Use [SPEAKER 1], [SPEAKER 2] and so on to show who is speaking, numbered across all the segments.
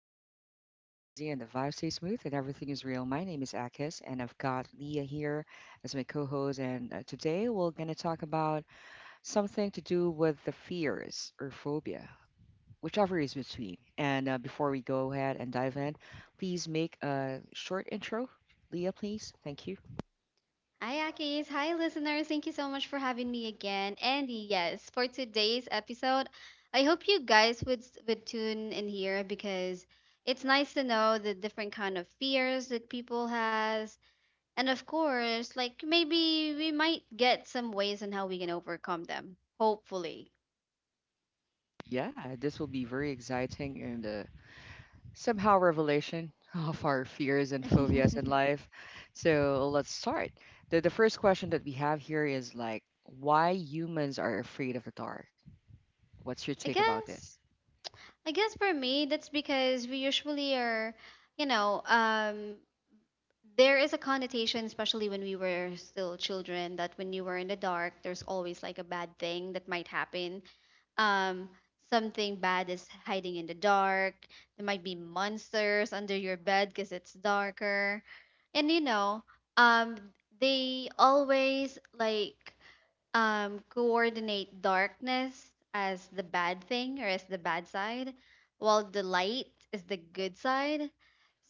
[SPEAKER 1] conversation flow easy and the vibe stays smooth and everything is real. My name is Akis, and I've got Leah here as my co-host. And today we're gonna talk about something to do with the fears or phobia, whichever is between. And before we go ahead and dive in, please make a short intro, Leah, please. Thank you.
[SPEAKER 2] Hi, Akis. Hi, listeners. Thank you so much for having me again. And yes, for today's episode, I hope you guys would would tune in here because it's nice to know the different kind of fears that people has, and of course, like maybe we might get some ways on how we can overcome them. Hopefully,
[SPEAKER 1] Yeah, this will be very exciting and, somehow revelation of our fears and
[SPEAKER 2] I
[SPEAKER 1] phobias in life. So let's start. The first question that we have here is like, why humans are afraid of the dark? What's your take about
[SPEAKER 2] guess.
[SPEAKER 1] this?
[SPEAKER 2] I guess for me, that's because we usually are, you know, um, there is a connotation, especially when we were still children, that when you were in the dark, there's always like a bad thing that might happen. Um, Something bad is hiding in the dark. There might be monsters under your bed because it's darker. And you know, um, they always coordinate darkness as the bad thing or as the bad side, while the light is the good side.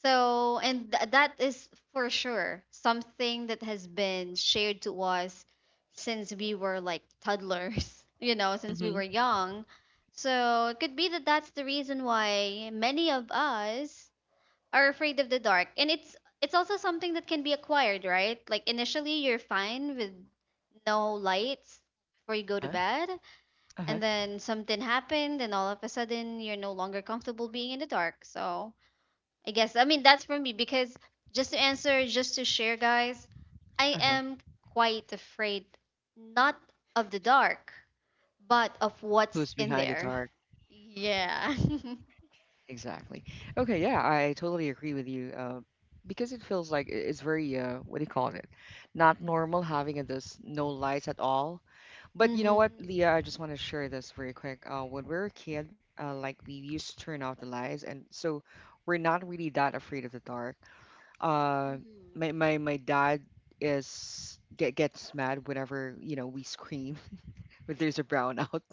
[SPEAKER 2] So, and that is for sure something that has been shared to us since we were like toddlers, you know, since we
[SPEAKER 1] Mm-hmm.
[SPEAKER 2] were young. So, it could be that that's the reason why many of us are afraid of the dark, and it's also something that can be acquired, right? Like initially you're fine with no lights before you go to
[SPEAKER 1] Huh?
[SPEAKER 2] bed,
[SPEAKER 1] Uh-huh.
[SPEAKER 2] and then something happened and all of a sudden you're no longer comfortable being in the dark. So I mean, that's for me because, just to answer, just to share, guys, I
[SPEAKER 1] Uh-huh.
[SPEAKER 2] am quite afraid, not of the dark, but of what's
[SPEAKER 1] Who's
[SPEAKER 2] in
[SPEAKER 1] behind the
[SPEAKER 2] there.
[SPEAKER 1] dark?
[SPEAKER 2] Yeah.
[SPEAKER 1] Exactly. Okay, yeah, I totally agree with you. Because it feels like, it's very, what do you call it? Not normal having a this no lights at all. But you know
[SPEAKER 2] Hmm.
[SPEAKER 1] what, Leah, I just want to share this very quick. When we were a kid, like we used to turn off the lights, and so we're not really that afraid of the dark. Uh,
[SPEAKER 2] Mm-hmm.
[SPEAKER 1] my dad is get gets mad whenever you know we scream when there's a brownout.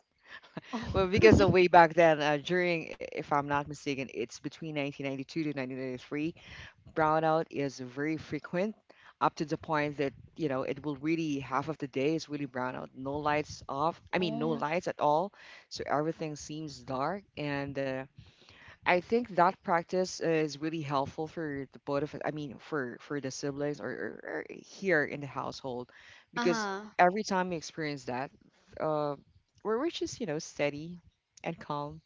[SPEAKER 2] Oh.
[SPEAKER 1] Well, because, way back then, during, if I'm not mistaken, it's between 1992 to 1993. Brownout is very frequent up to the point that, you know, it will really, half of the day is really brownout. No lights off. I mean, no
[SPEAKER 2] Oh.
[SPEAKER 1] lights at all. So everything seems dark. And, I think that practice is really helpful for the both of us. I mean, for the siblings, or here in the household, because
[SPEAKER 2] Uh-huh.
[SPEAKER 1] every time we experience that, uh, we're just, you know, steady and calm,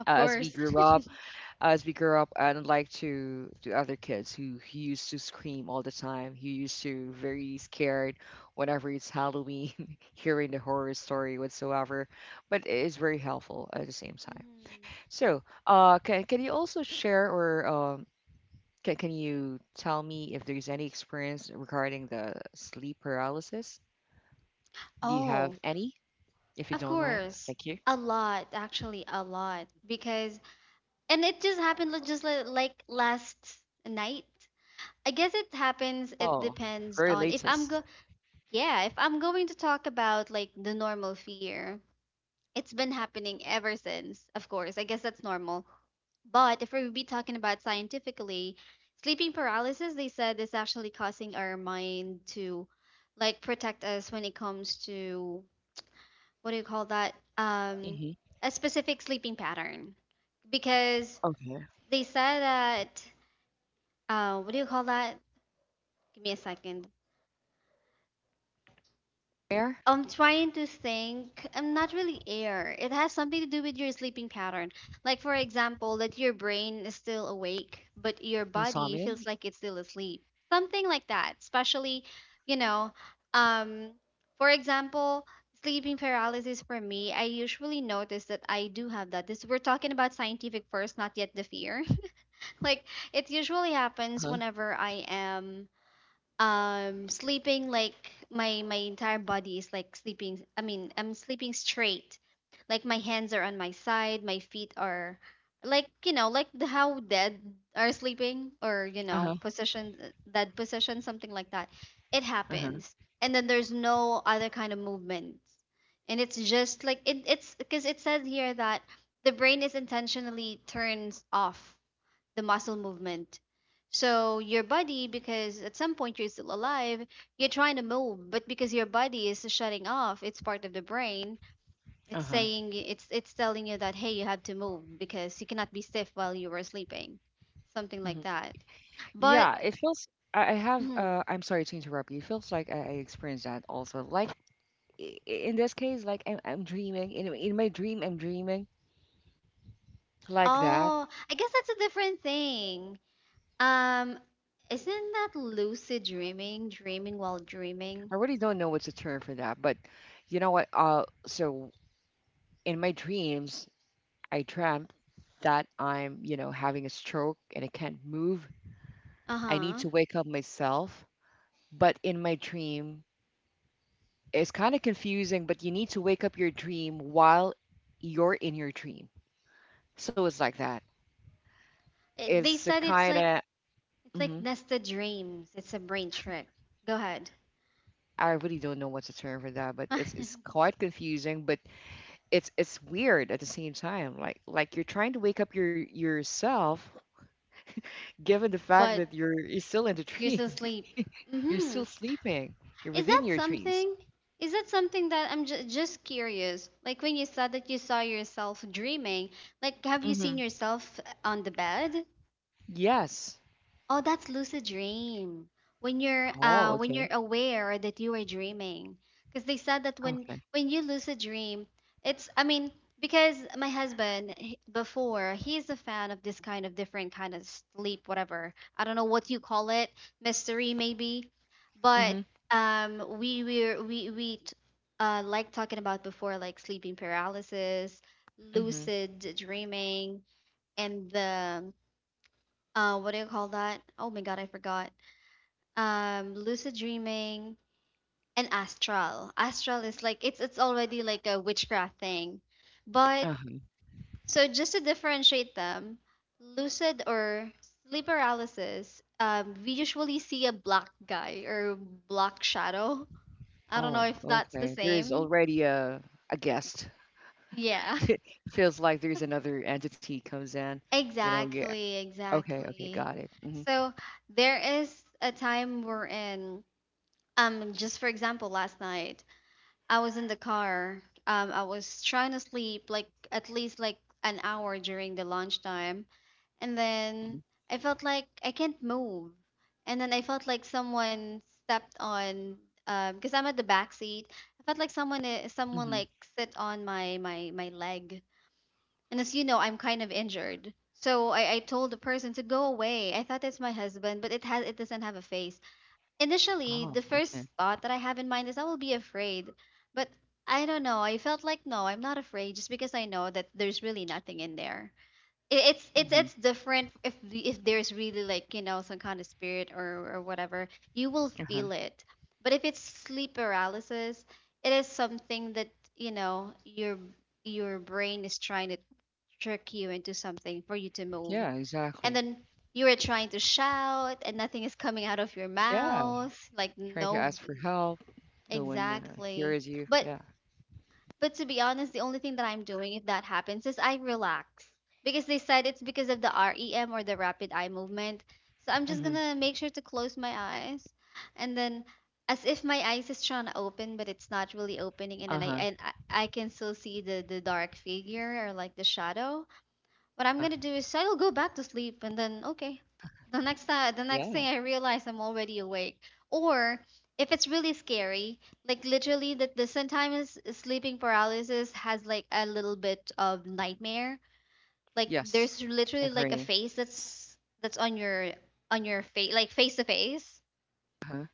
[SPEAKER 1] uh,
[SPEAKER 2] Of
[SPEAKER 1] as we
[SPEAKER 2] course.
[SPEAKER 1] grew up as we grow up, and unlike to other kids who used to scream all the time, who used to very scared whenever it's Halloween, hearing the horror story whatsoever, but it is very helpful at the same time.
[SPEAKER 2] Mhm.
[SPEAKER 1] So, can you also share, or can you tell me if there's any experience regarding the sleep paralysis? Do you have
[SPEAKER 2] Oh,
[SPEAKER 1] any? If you
[SPEAKER 2] of
[SPEAKER 1] don't mind.
[SPEAKER 2] course.
[SPEAKER 1] Thank you.
[SPEAKER 2] A lot, actually, a lot. Because, and it just happened just like last night. I guess it happens, it
[SPEAKER 1] Oh,
[SPEAKER 2] depends
[SPEAKER 1] very
[SPEAKER 2] on if
[SPEAKER 1] latest.
[SPEAKER 2] yeah, if I'm going to talk about like the normal fear, it's been happening ever since, of course. I guess that's normal. But if we be talking about scientifically, sleeping paralysis, they said, is actually causing our mind to like protect us when it comes to what do you call that?
[SPEAKER 1] Hmm.
[SPEAKER 2] A specific sleeping pattern. Because
[SPEAKER 1] Okay.
[SPEAKER 2] they said that, what do you call that? Give me a second.
[SPEAKER 1] Where?
[SPEAKER 2] I'm trying to think. I'm not really air. It has something to do with your sleeping pattern. Like for example, that your brain is still awake, but your body feels
[SPEAKER 1] Insomnia.
[SPEAKER 2] like it's still asleep. Something like that. Especially, you know, um, for example, sleeping paralysis for me, I usually notice that I do have that. This, we're talking about scientific first, not yet the fear. Like it usually
[SPEAKER 1] Uh
[SPEAKER 2] happens
[SPEAKER 1] huh.
[SPEAKER 2] whenever I am sleeping, like my entire body is like sleeping, I mean, I'm sleeping straight, like my hands are on my side, my feet are like, you know, like the, how dead are sleeping, or you know,
[SPEAKER 1] Uh-huh.
[SPEAKER 2] position, dead position, something like that. It
[SPEAKER 1] Uh-huh.
[SPEAKER 2] happens, and then there's no other kind of movement. And it's just like it's because it says here that the brain is intentionally turns off the muscle movement. So your body, because at some point you're still alive, you're trying to move, but because your body is shutting off, it's part of the brain. It's
[SPEAKER 1] Uh-huh.
[SPEAKER 2] saying, it's telling you that, hey, you have to move because you cannot be stiff while you were sleeping, something like
[SPEAKER 1] Mhm.
[SPEAKER 2] that. But
[SPEAKER 1] Yeah, it feels, I have,
[SPEAKER 2] mhm.
[SPEAKER 1] I'm sorry to interrupt you. It feels like I experienced that also. Like, in this case, like I'm dreaming in my dream, I'm dreaming like that.
[SPEAKER 2] Oh, I guess that's a different thing. Um, isn't that lucid dreaming? Dreaming while dreaming?
[SPEAKER 1] I really don't know what's the term for that, but you know what? So in my dreams, I dreamt that I'm, you know, having a stroke and I can't move. I need
[SPEAKER 2] Uh-huh.
[SPEAKER 1] to wake up myself, but in my dream, it's kind of confusing, but you need to wake up your dream while you're in your dream. So it's like that.
[SPEAKER 2] They
[SPEAKER 1] It's a
[SPEAKER 2] said it's
[SPEAKER 1] kind
[SPEAKER 2] like,
[SPEAKER 1] of.
[SPEAKER 2] it's like
[SPEAKER 1] hmm
[SPEAKER 2] nested dreams. It's a brain trick. Go ahead.
[SPEAKER 1] I really don't know what's the term for that, but it's quite confusing, but it's weird at the same time. Like, you're trying to wake up yourself, given the fact
[SPEAKER 2] But
[SPEAKER 1] that you're still in the
[SPEAKER 2] you're still
[SPEAKER 1] dream.
[SPEAKER 2] asleep.
[SPEAKER 1] You're
[SPEAKER 2] Mm-hmm.
[SPEAKER 1] still sleeping, you're
[SPEAKER 2] Is
[SPEAKER 1] within
[SPEAKER 2] that
[SPEAKER 1] your dreams.
[SPEAKER 2] something? Is that something that just curious, like when you said that you saw yourself dreaming, like have you
[SPEAKER 1] Hmm.
[SPEAKER 2] seen yourself on the bed?
[SPEAKER 1] Yes.
[SPEAKER 2] Oh, that's lucid dream.
[SPEAKER 1] Oh,
[SPEAKER 2] When you're
[SPEAKER 1] okay.
[SPEAKER 2] aware that you are dreaming. Because they said that,
[SPEAKER 1] Okay.
[SPEAKER 2] when you lucid dream, it's, I mean, because my husband before, he's a fan of this kind of different kind of sleep, whatever. I don't know what you call it, mystery maybe. But
[SPEAKER 1] Hmm.
[SPEAKER 2] um we we we we t- like talking about before, like sleeping paralysis,
[SPEAKER 1] Hmm.
[SPEAKER 2] lucid dreaming, and the what do you call that? Oh my god, I forgot. Lucid dreaming and astral. Astral is like, it's already like a witchcraft thing. But
[SPEAKER 1] Uh-huh.
[SPEAKER 2] so just to differentiate them, lucid or sleep paralysis, um, we usually see a black guy or black shadow. I don't know
[SPEAKER 1] Oh,
[SPEAKER 2] if that's the
[SPEAKER 1] okay. There is
[SPEAKER 2] same.
[SPEAKER 1] already a guest.
[SPEAKER 2] Yeah.
[SPEAKER 1] It feels like there's another entity comes in. You know, yeah.
[SPEAKER 2] Exactly,
[SPEAKER 1] Okay, okay,
[SPEAKER 2] exactly.
[SPEAKER 1] got it. Mhm,
[SPEAKER 2] So there is a time we're in, um, just for example, last night I was in the car. I was trying to sleep like at least like an hour during the lunchtime, and
[SPEAKER 1] mhm,
[SPEAKER 2] then I felt like I can't move, and then I felt like someone stepped on. Because I'm at the back seat, I felt like someone
[SPEAKER 1] mhm.
[SPEAKER 2] like sit on my leg, and as you know, I'm kind of injured. So I told the person to go away. I thought it's my husband, but it doesn't have a face. Initially,
[SPEAKER 1] Oh,
[SPEAKER 2] the first
[SPEAKER 1] okay.
[SPEAKER 2] thought that I have in mind is I will be afraid. But I don't know. I felt like, no, I'm not afraid just because I know that there's really nothing in there. It's it's
[SPEAKER 1] Mhm,
[SPEAKER 2] it's different if if there's really like, you know, some kind of spirit or whatever, you will
[SPEAKER 1] uh-huh.
[SPEAKER 2] feel it. But if it's sleep paralysis, it is something that, you know, your brain is trying to trick you into something for you to move,
[SPEAKER 1] Yeah,
[SPEAKER 2] and
[SPEAKER 1] exactly.
[SPEAKER 2] then you were trying to shout and nothing is coming out of your
[SPEAKER 1] Yeah,
[SPEAKER 2] mouth, like
[SPEAKER 1] trying to
[SPEAKER 2] no.
[SPEAKER 1] ask for help. No one,
[SPEAKER 2] Exactly.
[SPEAKER 1] hears you.
[SPEAKER 2] but
[SPEAKER 1] Yeah.
[SPEAKER 2] but to be honest, the only thing that I'm doing if that happens is I relax, because they said it's because of the REM, or the rapid eye movement. So I'm just
[SPEAKER 1] Hmm.
[SPEAKER 2] gonna make sure to close my eyes, and then as if my eyes is trying to open but it's not really opening, and then i
[SPEAKER 1] Uh-huh.
[SPEAKER 2] and I, I can still see the dark figure or like the shadow. What
[SPEAKER 1] Uh,
[SPEAKER 2] I'm gonna do is I'll go back to sleep, and then okay. The next time, the next thing
[SPEAKER 1] yeah.
[SPEAKER 2] I realize, I'm already awake. Or if it's really scary, like literally that the sometimes sleeping paralysis has like a little bit of nightmare. Like
[SPEAKER 1] Yes.
[SPEAKER 2] there's literally like a
[SPEAKER 1] Agree.
[SPEAKER 2] face that's on your face, like face to face.
[SPEAKER 1] Uh-huh.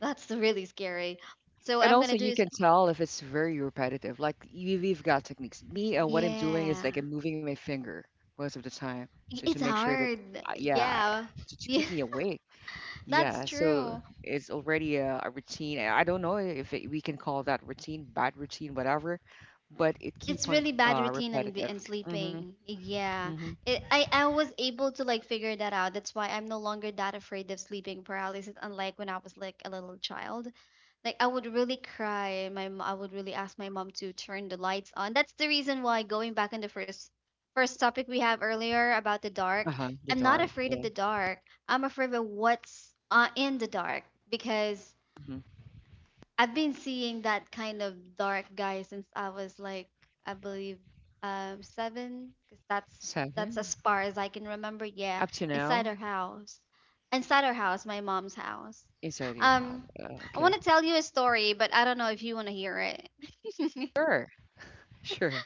[SPEAKER 2] That's really scary. So what
[SPEAKER 1] And
[SPEAKER 2] I'm gonna
[SPEAKER 1] also,
[SPEAKER 2] do
[SPEAKER 1] you
[SPEAKER 2] is,
[SPEAKER 1] can tell if it's very repetitive. Like you've got techniques. Me, what I'm doing is
[SPEAKER 2] yeah.
[SPEAKER 1] like I'm moving my finger most of the time, so to
[SPEAKER 2] It's
[SPEAKER 1] make sure that,
[SPEAKER 2] hard.
[SPEAKER 1] yeah,
[SPEAKER 2] Yeah.
[SPEAKER 1] to
[SPEAKER 2] Yeah,
[SPEAKER 1] keep me awake.
[SPEAKER 2] that's
[SPEAKER 1] Yeah, so
[SPEAKER 2] true.
[SPEAKER 1] it's already a routine. I don't know if it, we can call that routine, bad routine, whatever, but it
[SPEAKER 2] It's
[SPEAKER 1] keep on,
[SPEAKER 2] really bad routine
[SPEAKER 1] repetitive.
[SPEAKER 2] and
[SPEAKER 1] Mm-hmm.
[SPEAKER 2] sleeping. Yeah,
[SPEAKER 1] Mm-hmm.
[SPEAKER 2] I was able to like figure that out. That's why I'm no longer that afraid of sleeping paralysis, unlike when I was like a little child. Like I would really cry. I would really ask my mom to turn the lights on. That's the reason why going back on the first topic we have earlier about the dark.
[SPEAKER 1] Uh-huh. The
[SPEAKER 2] I'm not
[SPEAKER 1] dark.
[SPEAKER 2] afraid of
[SPEAKER 1] Yeah.
[SPEAKER 2] the dark. I'm afraid of what's in the dark, because
[SPEAKER 1] Mm-hmm.
[SPEAKER 2] I've been seeing that kind of dark guy since I was like, I believe, seven, because that's
[SPEAKER 1] Seven.
[SPEAKER 2] as far as I can remember. Yeah,
[SPEAKER 1] Up to
[SPEAKER 2] inside
[SPEAKER 1] now,
[SPEAKER 2] our house, inside our house, my mom's house.
[SPEAKER 1] inside your house.
[SPEAKER 2] Um, I want
[SPEAKER 1] Okay.
[SPEAKER 2] to tell you a story, but I don't know if you want to hear it.
[SPEAKER 1] Sure. Sure.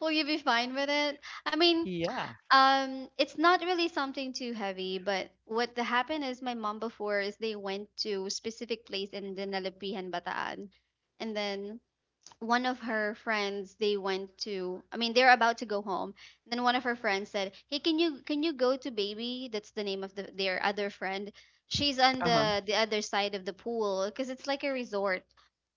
[SPEAKER 2] Will you be fine with it? I mean,
[SPEAKER 1] Yeah.
[SPEAKER 2] it's not really something too heavy, but what happened is my mom before is they went to a specific place in Dinalapihan, Bataan, and then one of her friends, they went to, I mean, they're about to go home. Then one of her friends said, hey, can you go to Baby, that's the name of the, their other friend, she's on
[SPEAKER 1] Uh-huh.
[SPEAKER 2] the other side of the pool because it's like a resort.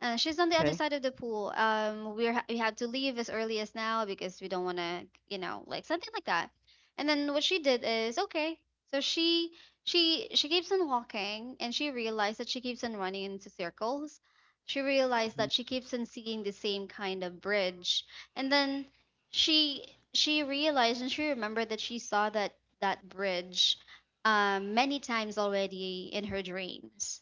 [SPEAKER 2] Uh, she's on the other
[SPEAKER 1] Okay.
[SPEAKER 2] side of the pool. Um, we have to leave as early as now because we don't want to, you know, like something like that. And then what she did is okay. So she, she keeps on walking, and she realized that she keeps on running into circles. She realized that she keeps on seeing the same kind of bridge. And then she she realized and she remembered that she saw that, that bridge, many times already in her dreams.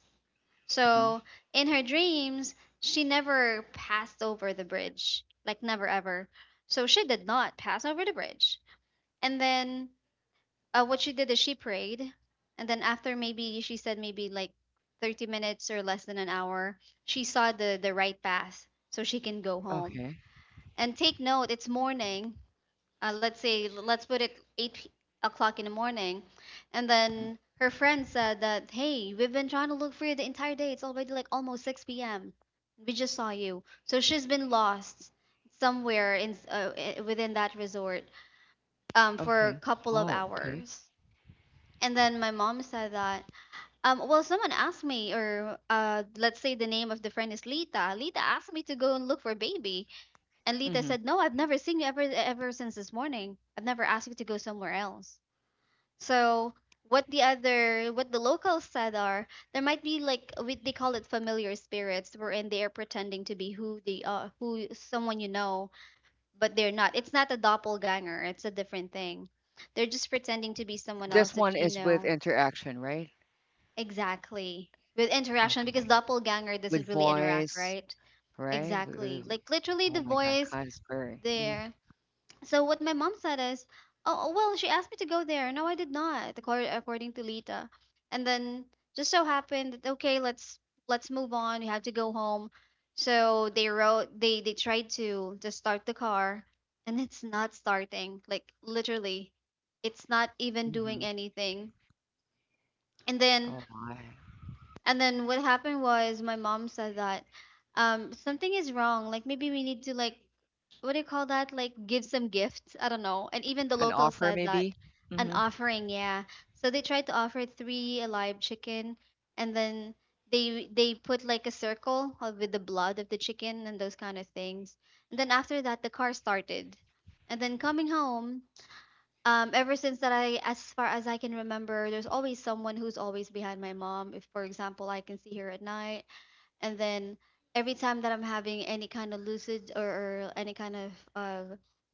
[SPEAKER 1] Mm-hmm.
[SPEAKER 2] So in her dreams, she never passed over the bridge, like never ever. So she did not pass over the bridge. And then, what she did is she prayed, and then after maybe, she said maybe like 30 minutes or less than an hour, she saw the right path so she can go home.
[SPEAKER 1] Okay.
[SPEAKER 2] And take note, it's morning. Let's say let's put it 8 p- o'clock in the morning, and
[SPEAKER 1] Mhm.
[SPEAKER 2] then her friend said that, hey, we've been trying to look for you the entire day. It's already like almost 6 p.m. We just saw you. So she's been lost somewhere in within that resort for a
[SPEAKER 1] Okay.
[SPEAKER 2] couple of
[SPEAKER 1] Oh, okay.
[SPEAKER 2] hours. And then my mom said that, well, someone asked me, or let's say the name of the friend is Lita. Lita asked me to go and look for baby, and Lita
[SPEAKER 1] Mm-hmm.
[SPEAKER 2] said, no, I've never seen you ever ever since this morning. I've never asked you to go somewhere else. So what the other, what the locals said are, there might be like we, they call it familiar spirits, wherein they are pretending to be who they are, who someone you know, but they're not. It's not a doppelganger. It's a different thing. They're just pretending to be someone
[SPEAKER 1] This
[SPEAKER 2] else
[SPEAKER 1] one
[SPEAKER 2] that you
[SPEAKER 1] is with
[SPEAKER 2] know.
[SPEAKER 1] interaction, right?
[SPEAKER 2] Exactly. With interaction, because
[SPEAKER 1] Okay.
[SPEAKER 2] doppelganger doesn't
[SPEAKER 1] With
[SPEAKER 2] really interact,
[SPEAKER 1] voice,
[SPEAKER 2] right?
[SPEAKER 1] right? With.
[SPEAKER 2] Exactly. Like literally
[SPEAKER 1] Oh
[SPEAKER 2] the
[SPEAKER 1] my god,
[SPEAKER 2] voice
[SPEAKER 1] Kainsbury. Mhm,
[SPEAKER 2] there. So what my mom said is, oh, oh, well, she asked me to go there. No, I did not, according to Lita. And then just so happened that okay, let's move on. We have to go home. So they wrote, they tried to start the car, and it's not starting. Like literally, it's not even
[SPEAKER 1] mhm.
[SPEAKER 2] doing anything. And then
[SPEAKER 1] Oh my.
[SPEAKER 2] and then what happened was my mom said that something is wrong. Like maybe we need to like what do you call that? Like give some gifts. I don't know. And even the
[SPEAKER 1] An
[SPEAKER 2] locals
[SPEAKER 1] offer
[SPEAKER 2] said that
[SPEAKER 1] maybe?
[SPEAKER 2] an
[SPEAKER 1] Mhm.
[SPEAKER 2] offering, yeah. So they tried to offer three alive chicken and then they put like a circle of- with the blood of the chicken and those kind of things. And then after that the car started. And then coming home, ever since that I, as far as I can remember, there's always someone who's always behind my mom. If, for example, I can see her at night, and then every time that I'm having any kind of lucid or any kind of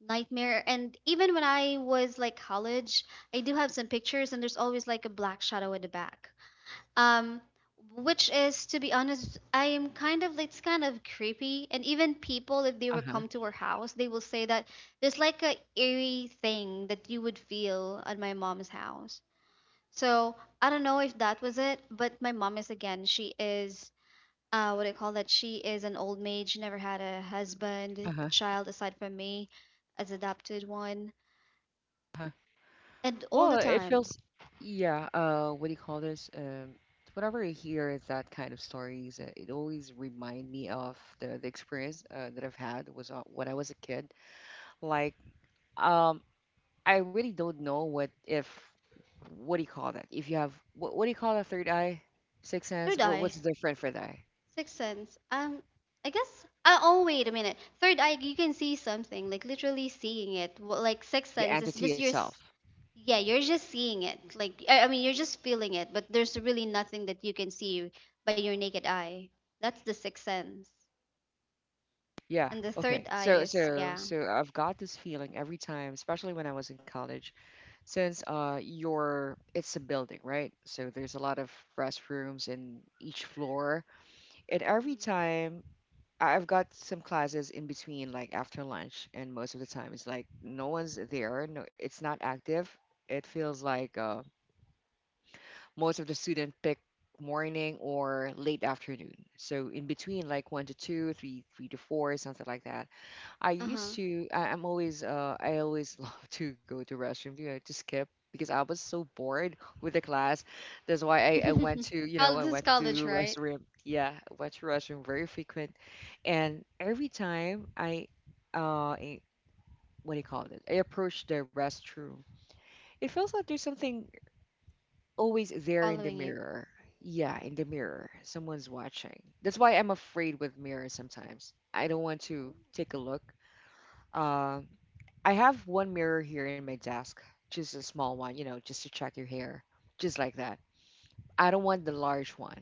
[SPEAKER 2] nightmare, and even when I was like college, I do have some pictures, and there's always like a black shadow in the back um which is to be honest, I am kind of, it's kind of creepy. And even people, if they were
[SPEAKER 1] Uh-huh.
[SPEAKER 2] come to our house, they will say that there's like a eerie thing that you would feel at my mom's house. So I don't know if that was it, but my mom is again, she is, what do you call that, she is an old maid. She never had a husband, a
[SPEAKER 1] Uh-huh.
[SPEAKER 2] child aside from me as adopted one.
[SPEAKER 1] Uh-huh.
[SPEAKER 2] And all
[SPEAKER 1] Well,
[SPEAKER 2] the
[SPEAKER 1] it
[SPEAKER 2] time
[SPEAKER 1] feels, yeah, what do you call this? Whenever I hear that kind of stories, it always remind me of the experience, that I've had was, when I was a kid. Like, um I really don't know what if, what do you call that? If you have what do you call that, third eye? Sixth sense?
[SPEAKER 2] third
[SPEAKER 1] What
[SPEAKER 2] eye.
[SPEAKER 1] what's different for that?
[SPEAKER 2] Sixth sense. I guess. Oh, wait a minute. Third eye, you can see something, like literally seeing it. Like sixth
[SPEAKER 1] The
[SPEAKER 2] sense is
[SPEAKER 1] entity
[SPEAKER 2] just your. S-
[SPEAKER 1] itself.
[SPEAKER 2] Yeah, you're just seeing it. Like I mean, you're just feeling it, but there's really nothing that you can see by your naked eye. That's the sixth sense.
[SPEAKER 1] Yeah.
[SPEAKER 2] And the
[SPEAKER 1] Okay.
[SPEAKER 2] third eye
[SPEAKER 1] So
[SPEAKER 2] is
[SPEAKER 1] so
[SPEAKER 2] yeah.
[SPEAKER 1] so I've got this feeling every time, especially when I was in college, since your it's a building, right? So there's a lot of restrooms in each floor. And every
[SPEAKER 2] Hmm.
[SPEAKER 1] time, I've got some classes in between, like after lunch, and most of the time it's like no one's there, no it's not active. It feels like, most of the student pick morning or late afternoon. So in between like one to two, three three to four, something like that. I
[SPEAKER 2] Uh
[SPEAKER 1] used
[SPEAKER 2] huh.
[SPEAKER 1] to. I'm always. I always love to go to restroom. You know, to skip because I was so bored with the class. That's why I went to. You
[SPEAKER 2] Col-
[SPEAKER 1] know,
[SPEAKER 2] This
[SPEAKER 1] I
[SPEAKER 2] is
[SPEAKER 1] went to
[SPEAKER 2] college, right?
[SPEAKER 1] restroom. Yeah, I went to restroom very frequent, and every time, uh, I- what do you call it? I approach the restroom. It feels like there's something always there in the
[SPEAKER 2] Following you.
[SPEAKER 1] mirror. Yeah, in the mirror, someone's watching. That's why I'm afraid with mirrors sometimes. I don't want to take a look. Um, I have one mirror here in my desk, just a small one, you know, just to check your hair, just like that. I don't want the large one.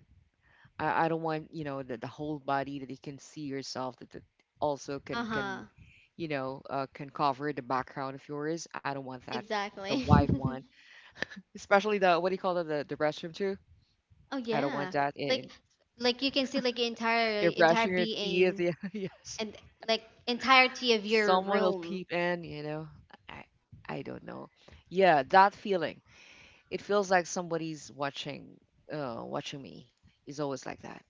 [SPEAKER 1] I don't want, you know, the whole body that you can see yourself, that also
[SPEAKER 2] Uh
[SPEAKER 1] can,
[SPEAKER 2] huh.
[SPEAKER 1] you know, can cover the background of yours. I don't want that, the
[SPEAKER 2] Exactly.
[SPEAKER 1] wide one, especially the, what do you call it, the restroom too.
[SPEAKER 2] Oh
[SPEAKER 1] I don't want
[SPEAKER 2] yeah,
[SPEAKER 1] that
[SPEAKER 2] like
[SPEAKER 1] in.
[SPEAKER 2] like you can see like entire
[SPEAKER 1] You're
[SPEAKER 2] entire
[SPEAKER 1] brushing your teeth,
[SPEAKER 2] being
[SPEAKER 1] yeah. Yes.
[SPEAKER 2] and like entirety of your
[SPEAKER 1] Someone will
[SPEAKER 2] room.
[SPEAKER 1] peep in, you know. I I don't know. Yeah, that feeling. It feels like somebody's watching, watching me. It's always like that.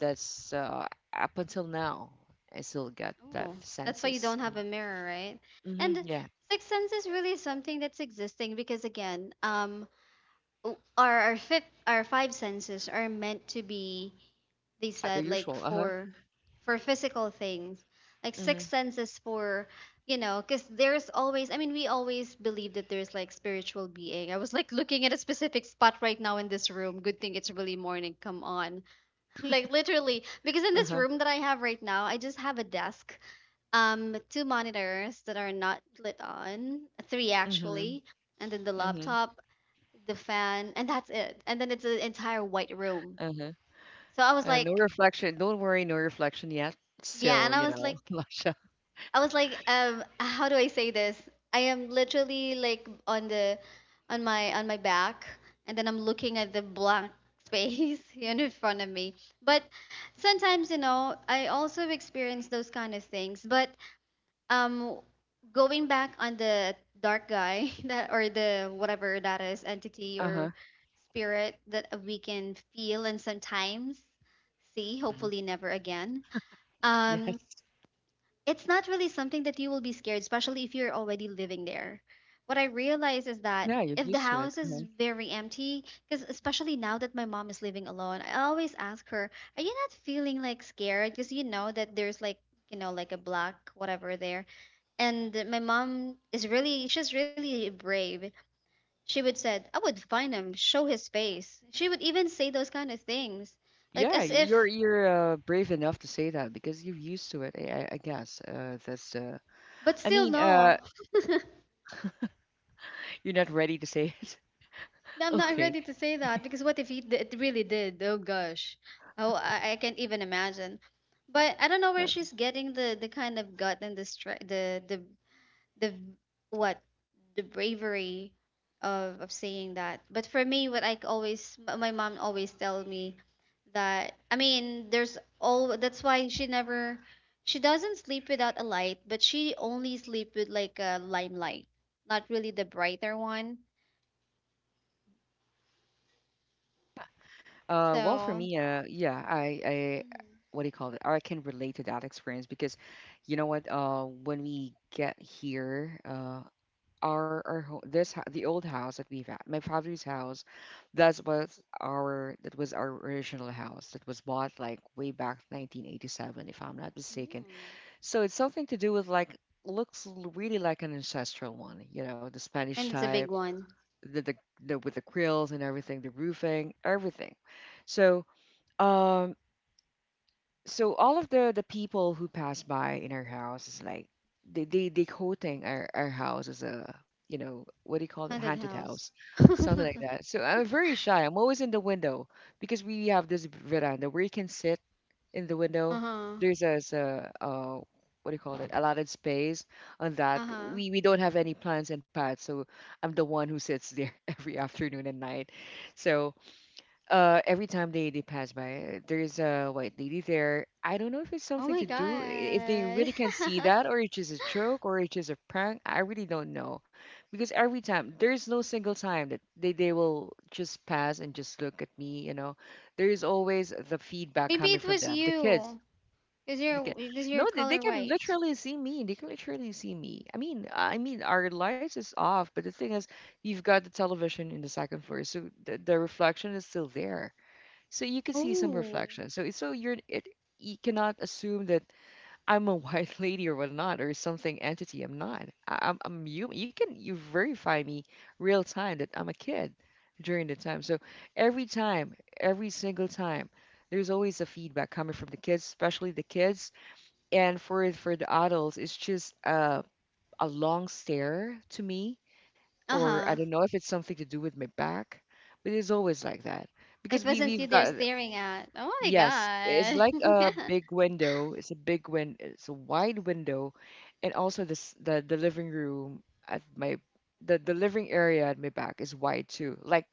[SPEAKER 1] That's, up until now. I still get that
[SPEAKER 2] Oh, that's why you don't
[SPEAKER 1] senses.
[SPEAKER 2] have a mirror, right?
[SPEAKER 1] Mm-hmm,
[SPEAKER 2] And
[SPEAKER 1] yeah.
[SPEAKER 2] sixth sense is really something that's existing because again, o- our fifth our five senses are meant to be, they
[SPEAKER 1] The
[SPEAKER 2] said, like
[SPEAKER 1] usual. Uh huh.
[SPEAKER 2] for physical things, like six
[SPEAKER 1] Mm-hmm.
[SPEAKER 2] senses for, you know, because there's always, I mean, we always believe that there's like spiritual being. I was like looking at a specific spot right now in this room. Good thing it's really morning, come on. Like literally, because in
[SPEAKER 1] Uh
[SPEAKER 2] this
[SPEAKER 1] huh.
[SPEAKER 2] room that I have right now, I just have a desk, two monitors that are not lit on, three
[SPEAKER 1] Mm-hmm.
[SPEAKER 2] actually, and then the
[SPEAKER 1] Mm-hmm.
[SPEAKER 2] laptop, the fan, and that's it. And then it's an entire white room.
[SPEAKER 1] Uh huh.
[SPEAKER 2] So I was
[SPEAKER 1] No
[SPEAKER 2] like,
[SPEAKER 1] reflection. Don't worry, no reflection yet.
[SPEAKER 2] yeah,
[SPEAKER 1] Still,
[SPEAKER 2] and
[SPEAKER 1] you know, Lasha.
[SPEAKER 2] I was like, how do I say this? I am literally like on the, on my back, and then I'm looking at the blank space you in front of me. But sometimes, you know, I also experience those kind of things. But um, going back on the dark guy that or the whatever that is entity
[SPEAKER 1] Uh
[SPEAKER 2] or
[SPEAKER 1] huh.
[SPEAKER 2] spirit that we can feel and sometimes see, hopefully never again. Um,
[SPEAKER 1] Yes.
[SPEAKER 2] it's not really something that you will be scared, especially if you're already living there. What I realize is that
[SPEAKER 1] Yeah, you're
[SPEAKER 2] if the
[SPEAKER 1] used to it.
[SPEAKER 2] house is
[SPEAKER 1] Uh-huh.
[SPEAKER 2] very empty, because especially now that my mom is living alone, I always ask her, are you not feeling like scared? Because you know that there's like, you know, like a black whatever there. And my mom is really, she's really brave. She would said, I would find him, show his face. She would even say those kind of things, like
[SPEAKER 1] Yeah,
[SPEAKER 2] as if,
[SPEAKER 1] you're, brave enough to say that because you're used to it. I guess, that's.
[SPEAKER 2] but
[SPEAKER 1] I
[SPEAKER 2] still
[SPEAKER 1] mean,
[SPEAKER 2] no.
[SPEAKER 1] uh, you're not ready to say it.
[SPEAKER 2] No, I'm not
[SPEAKER 1] Okay.
[SPEAKER 2] ready to say that because what if he, d- it really did? Oh gosh, oh I can't even imagine. But I don't know where
[SPEAKER 1] Uh,
[SPEAKER 2] she's getting the kind of gut and the stre- the v- what the bravery of saying that. But for me, what I c- always m- my mom always tell me that I mean there's all that's why she never, she doesn't sleep without a light, but she only sleep with like a limelight, not really the brighter one.
[SPEAKER 1] well, for
[SPEAKER 2] So.
[SPEAKER 1] me, yeah,
[SPEAKER 2] Mhm.
[SPEAKER 1] what do you call it? I can relate to that experience because, you know what? When we get here, our ho- this ho- the old house that we've had, my father's house, that was our original house that was bought like way back 1987, if I'm not mistaken.
[SPEAKER 2] Mm.
[SPEAKER 1] So it's something to do with like, looks, really like an ancestral one, you know, the Spanish
[SPEAKER 2] And it's a
[SPEAKER 1] type,
[SPEAKER 2] big one.
[SPEAKER 1] the, the the with the grills and everything, the roofing, everything. So, um so all of the people who pass by in our house is like they quoting our house as a, you know what do you call it,
[SPEAKER 2] Haunted
[SPEAKER 1] haunted house,
[SPEAKER 2] house.
[SPEAKER 1] something like that. So I'm very shy, I'm always in the window because we have this veranda where you can sit in the window.
[SPEAKER 2] Uh-huh.
[SPEAKER 1] There's a, what do you call it? Allotted space on that.
[SPEAKER 2] Uh-huh.
[SPEAKER 1] We don't have any plants and pads, so I'm the one who sits there every afternoon and night. So, every time they pass by, there's a white lady there. I don't know if it's
[SPEAKER 2] Oh
[SPEAKER 1] something
[SPEAKER 2] my
[SPEAKER 1] to do if they
[SPEAKER 2] God.
[SPEAKER 1] really can see that, or it's just a joke, or it's just a prank. I really don't know, because every time there's no single time that they will just pass and just look at me, you know. There is always the feedback
[SPEAKER 2] Maybe
[SPEAKER 1] coming
[SPEAKER 2] it
[SPEAKER 1] from
[SPEAKER 2] was
[SPEAKER 1] them,
[SPEAKER 2] you.
[SPEAKER 1] the kid.
[SPEAKER 2] Because you're
[SPEAKER 1] No,
[SPEAKER 2] color
[SPEAKER 1] they can
[SPEAKER 2] white.
[SPEAKER 1] literally see me. They can literally see me. I mean, our lights is off, but the thing is, you've got the television in the second floor, so the reflection is still there, so you can see some
[SPEAKER 2] Oh.
[SPEAKER 1] reflection. So it's so you're it you cannot assume that I'm a white lady or whatnot or something entity. I'm not. I'm human. You verify me real time that I'm a kid during the time. So every time, every single time, there's always a feedback coming from the kids, especially the kids. And for the adults, it's just a long stare to me, or I
[SPEAKER 2] Uh-huh.
[SPEAKER 1] don't know if it's something to do with my back, but it's always like that
[SPEAKER 2] It
[SPEAKER 1] because we
[SPEAKER 2] wasn't you
[SPEAKER 1] we've
[SPEAKER 2] they're
[SPEAKER 1] got.
[SPEAKER 2] staring at. Oh my
[SPEAKER 1] Yes, it's like a
[SPEAKER 2] God.
[SPEAKER 1] big window. It's a big win. It's a wide window, and also this the living room at my the living area at my back is wide too. Like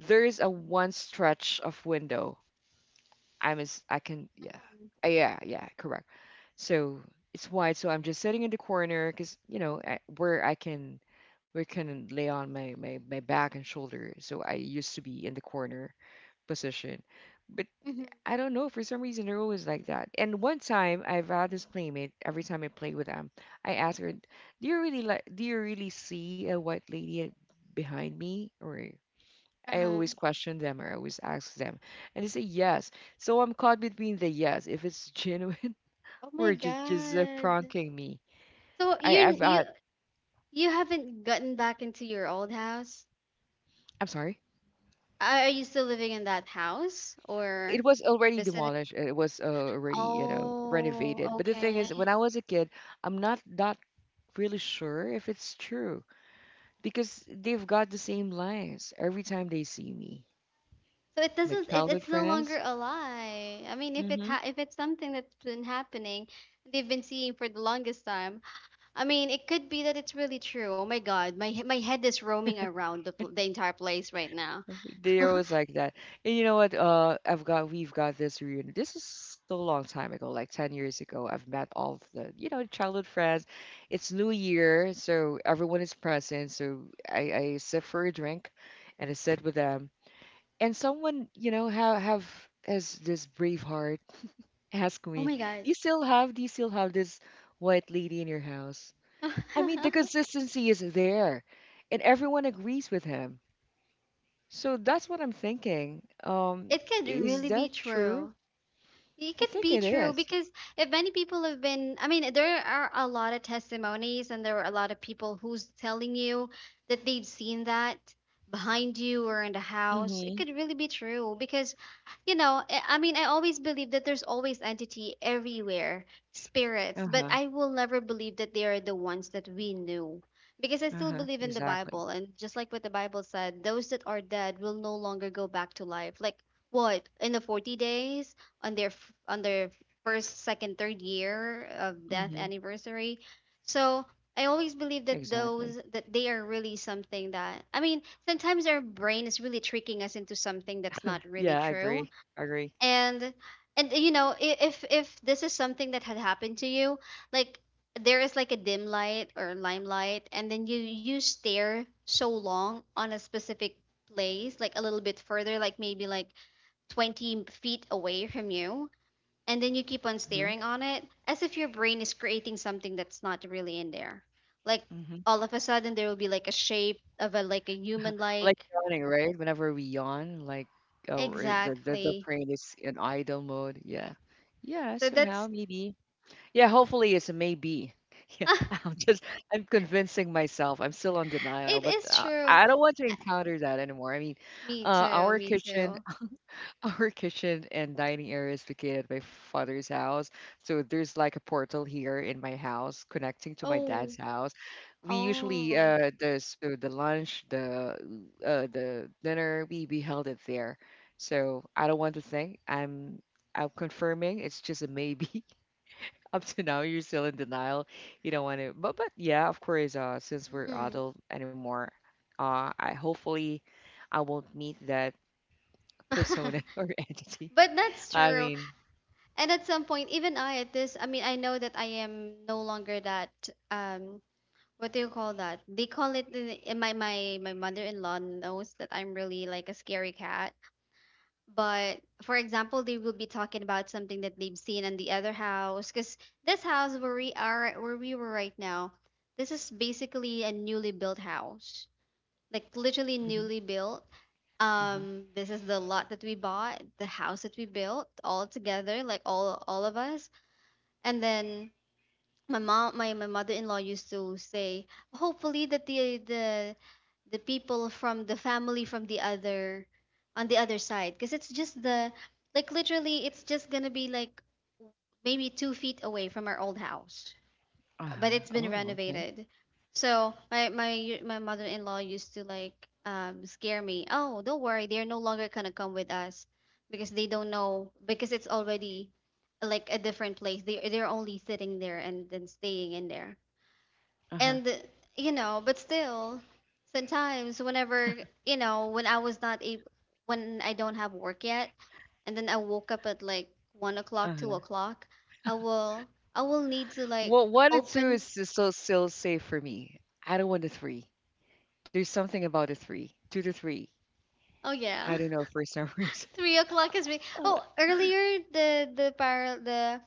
[SPEAKER 1] there is a one stretch of window. I'm as I can yeah Yeah, correct. So it's wide. So I'm just sitting in the corner because you know where I can lay on my back and shoulder. So I used to be in the corner position, but
[SPEAKER 2] Mhm.
[SPEAKER 1] I don't know. For some reason, they're always like that. And one time, I've had this playmate. Every time I play with them, I ask her, "Do you really like? Do you really see a white lady behind me?" Or I
[SPEAKER 2] Uh-huh.
[SPEAKER 1] always question them, or I always ask them, and they say yes. So I'm caught between the yes, if it's genuine,
[SPEAKER 2] Oh my
[SPEAKER 1] or just
[SPEAKER 2] God.
[SPEAKER 1] pranking me.
[SPEAKER 2] So
[SPEAKER 1] I,
[SPEAKER 2] you
[SPEAKER 1] I've
[SPEAKER 2] you
[SPEAKER 1] uh,
[SPEAKER 2] you haven't gotten back into your old house?
[SPEAKER 1] I'm sorry.
[SPEAKER 2] Are you still living in that house
[SPEAKER 1] It
[SPEAKER 2] or
[SPEAKER 1] was already
[SPEAKER 2] visiting?
[SPEAKER 1] demolished. It was already you know
[SPEAKER 2] Oh,
[SPEAKER 1] renovated. But the thing
[SPEAKER 2] okay.
[SPEAKER 1] is, when I was a kid, I'm not that really sure if it's true because they've got the same lines every time they see me.
[SPEAKER 2] So it
[SPEAKER 1] My
[SPEAKER 2] doesn't it,
[SPEAKER 1] childhood
[SPEAKER 2] it's no longer
[SPEAKER 1] friends,
[SPEAKER 2] a lie. I mean, if it
[SPEAKER 1] hmm
[SPEAKER 2] ha if it's something that's been happening, they've been seeing for the longest time. I mean, it could be that it's really true. Oh my God, my he- my head is roaming around the pl the entire place right now.
[SPEAKER 1] they're always like that. And you know what? I've got we've got this reunion. This is so long time ago, like 10 years ago. I've met all of the you know childhood friends. It's New Year, so everyone is present. So I sit for a drink, and I sit with them. And someone you know have has this brave heart. Ask
[SPEAKER 2] Oh
[SPEAKER 1] me,
[SPEAKER 2] my God.
[SPEAKER 1] do you still have this white lady in your house? I mean, the consistency is there, and everyone agrees with him. So that's what I'm thinking.
[SPEAKER 2] It could
[SPEAKER 1] Is
[SPEAKER 2] really be
[SPEAKER 1] that true?
[SPEAKER 2] true. It
[SPEAKER 1] I
[SPEAKER 2] could
[SPEAKER 1] think
[SPEAKER 2] be
[SPEAKER 1] it
[SPEAKER 2] true
[SPEAKER 1] is.
[SPEAKER 2] because if many people have been, I mean, there are a lot of testimonies and there are a lot of people who's telling you that they've seen that behind you or in the house. It
[SPEAKER 1] Mm-hmm.
[SPEAKER 2] could really be true because, you know, I mean, I always believe that there's always entity everywhere, spirits, but
[SPEAKER 1] Uh-huh.
[SPEAKER 2] I will never believe that they are the ones that we knew because I still
[SPEAKER 1] Uh-huh.
[SPEAKER 2] believe in the
[SPEAKER 1] Exactly.
[SPEAKER 2] Bible. And just like what the Bible said, those that are dead will no longer go back to life. Like, what in the 40 days on their f- on their first, second, third year of death
[SPEAKER 1] Mm-hmm.
[SPEAKER 2] anniversary. So I always believe that
[SPEAKER 1] Exactly.
[SPEAKER 2] those that they are really something that I mean, sometimes our brain is really tricking us into something that's not really
[SPEAKER 1] Yeah, I
[SPEAKER 2] true.
[SPEAKER 1] agree. I agree.
[SPEAKER 2] And and you know, I- if this is something that had happened to you, like there is like a dim light or limelight and then you stare so long on a specific place like a little bit further like maybe like 20 feet away from you and then you keep on
[SPEAKER 1] hmm
[SPEAKER 2] staring on it as if your brain is creating something that's not really in there like
[SPEAKER 1] hmm
[SPEAKER 2] all of a sudden there will be like a shape of a like a human
[SPEAKER 1] Like
[SPEAKER 2] like
[SPEAKER 1] yawning, right? Whenever we yawn, like oh, or the
[SPEAKER 2] exactly
[SPEAKER 1] brain is in idle mode. Yeah. Yeah,
[SPEAKER 2] so
[SPEAKER 1] somehow
[SPEAKER 2] that's
[SPEAKER 1] maybe. Yeah, hopefully it's a maybe. Yeah, I'm just I'm convincing myself. I'm still on denial,
[SPEAKER 2] it
[SPEAKER 1] but
[SPEAKER 2] is true.
[SPEAKER 1] I don't want to
[SPEAKER 2] Uh,
[SPEAKER 1] encounter that anymore. I mean,
[SPEAKER 2] me too,
[SPEAKER 1] our
[SPEAKER 2] me
[SPEAKER 1] kitchen,
[SPEAKER 2] too.
[SPEAKER 1] our kitchen and dining area is located at my father's house, so there's like a portal here in my house connecting to my
[SPEAKER 2] Oh,
[SPEAKER 1] dad's house. We usually
[SPEAKER 2] oh,
[SPEAKER 1] the lunch, the dinner, we held it there. So I don't want to think. I'm confirming it's just a maybe. Up to now you're still in denial, you don't want to, but yeah of course since we're
[SPEAKER 2] hmm.
[SPEAKER 1] adult anymore, I hopefully I won't meet that persona or entity.
[SPEAKER 2] But that's
[SPEAKER 1] I
[SPEAKER 2] true.
[SPEAKER 1] mean.
[SPEAKER 2] And at some point even I at this I mean I know that I am no longer that um what do you call that? They call it in my my my mother-in-law knows that I'm really like a scary cat. But for example, they will be talking about something that they've seen in the other house, because this house where we are, where we were right now, this is basically a newly built house, like literally
[SPEAKER 1] Mhm,
[SPEAKER 2] newly built.
[SPEAKER 1] mhm.
[SPEAKER 2] This is the lot that we bought, the house that we built all together, like all of us, and then my mom my, my mother-in-law used to say hopefully that the people from the family from the other on the other side because it's just the like literally it's just gonna be like maybe 2 feet away from our old house but
[SPEAKER 1] Uh-huh,
[SPEAKER 2] it's been
[SPEAKER 1] oh okay.
[SPEAKER 2] renovated. So my mother-in-law used to like scare me. Oh, don't worry, they're no longer gonna come with us because they don't know because it's already like a different place. They they're only sitting there and then staying in there.
[SPEAKER 1] Uh-huh.
[SPEAKER 2] And but still sometimes whenever, when I was not able, when I don't have work yet, and then I woke up at like 1 o'clock, two
[SPEAKER 1] Uh-huh.
[SPEAKER 2] o'clock, I will I will need to like
[SPEAKER 1] Well one and two
[SPEAKER 2] open.
[SPEAKER 1] is so still safe for me. I don't want the three. There's something about the three, two to three.
[SPEAKER 2] Oh yeah,
[SPEAKER 1] I don't know for some reason.
[SPEAKER 2] 3 o'clock is oh, earlier the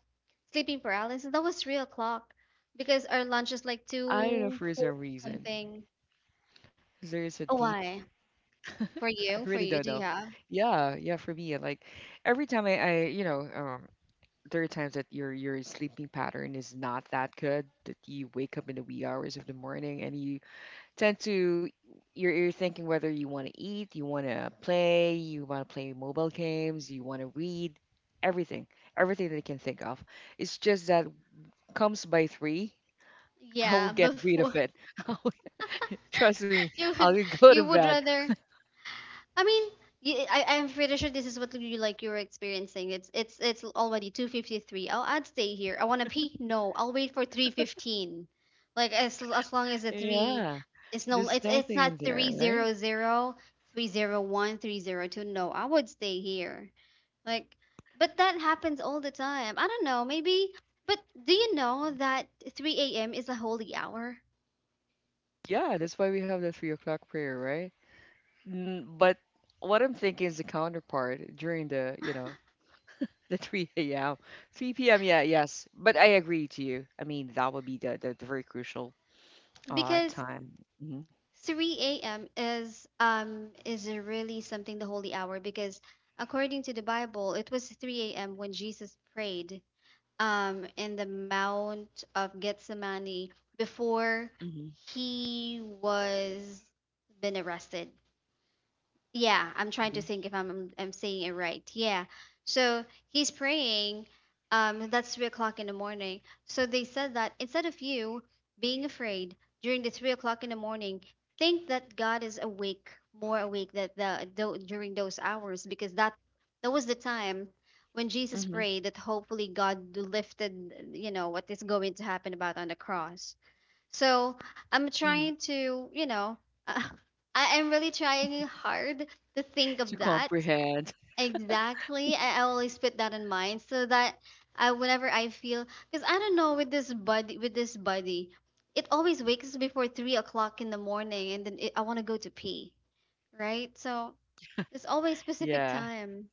[SPEAKER 2] sleeping paralysis, that was 3 o'clock because our lunch is like
[SPEAKER 1] I don't know
[SPEAKER 2] two
[SPEAKER 1] for
[SPEAKER 2] four
[SPEAKER 1] some reason.
[SPEAKER 2] something.
[SPEAKER 1] There's a
[SPEAKER 2] Oh,
[SPEAKER 1] deep.
[SPEAKER 2] why? For
[SPEAKER 1] I
[SPEAKER 2] you,
[SPEAKER 1] really don't
[SPEAKER 2] do
[SPEAKER 1] know.
[SPEAKER 2] you have?
[SPEAKER 1] Yeah, yeah, for me, like every time I you know, there are times that your sleeping pattern is not that good, that you wake up in the wee hours of the morning and you tend to you're thinking whether you want to eat, you want to play, you want to play mobile games, you want to read, everything, everything that you can think of. It's just that comes by three, I will
[SPEAKER 2] Yeah,
[SPEAKER 1] get rid of
[SPEAKER 2] before.
[SPEAKER 1] it. Trust me,
[SPEAKER 2] you
[SPEAKER 1] I'll
[SPEAKER 2] would
[SPEAKER 1] go to
[SPEAKER 2] you would
[SPEAKER 1] bed.
[SPEAKER 2] rather, I mean, I'm pretty sure this is what you, like, you were experiencing. It's already 2:53. Oh, I'd stay here. I want to pee. No, I'll wait for 3:15. Like, as long as the 3,
[SPEAKER 1] Yeah,
[SPEAKER 2] it's no,
[SPEAKER 1] there's
[SPEAKER 2] it's
[SPEAKER 1] something
[SPEAKER 2] not
[SPEAKER 1] in there, right?
[SPEAKER 2] 300, 301, 302. No, I would stay here. Like, but that happens all the time. I don't know, maybe, but do you know that 3 a.m. is a holy hour?
[SPEAKER 1] Yeah, that's why we have the 3 o'clock prayer, right? But what I'm thinking is the counterpart during the, you know, the 3 a.m. 3 p.m. Yeah, yes. But I agree to you. I mean, that would be the very crucial
[SPEAKER 2] Because
[SPEAKER 1] time. hmm
[SPEAKER 2] 3 a.m. is, is a really something, the holy hour, because according to the Bible, it was 3 a.m. when Jesus prayed in the Mount of Gethsemane before
[SPEAKER 1] hmm
[SPEAKER 2] he was been arrested. Yeah, I'm trying
[SPEAKER 1] hmm
[SPEAKER 2] to think if I'm saying it right. Yeah. So he's praying. That's 3 o'clock in the morning. So they said that instead of you being afraid during the 3 o'clock in the morning, think that God is awake, more awake that during those hours, because that was the time when Jesus
[SPEAKER 1] hmm
[SPEAKER 2] prayed that hopefully God lifted, what is going to happen about on the cross. So I'm trying
[SPEAKER 1] hmm
[SPEAKER 2] to, I, I'm really trying hard to think
[SPEAKER 1] To
[SPEAKER 2] of that.
[SPEAKER 1] comprehend.
[SPEAKER 2] Exactly. I always put that in mind so that I, whenever I feel, because I don't know, with this body, it always wakes before 3 o'clock in the morning, and then it, I want to go to pee, right? So there's always specific
[SPEAKER 1] Yeah.
[SPEAKER 2] time.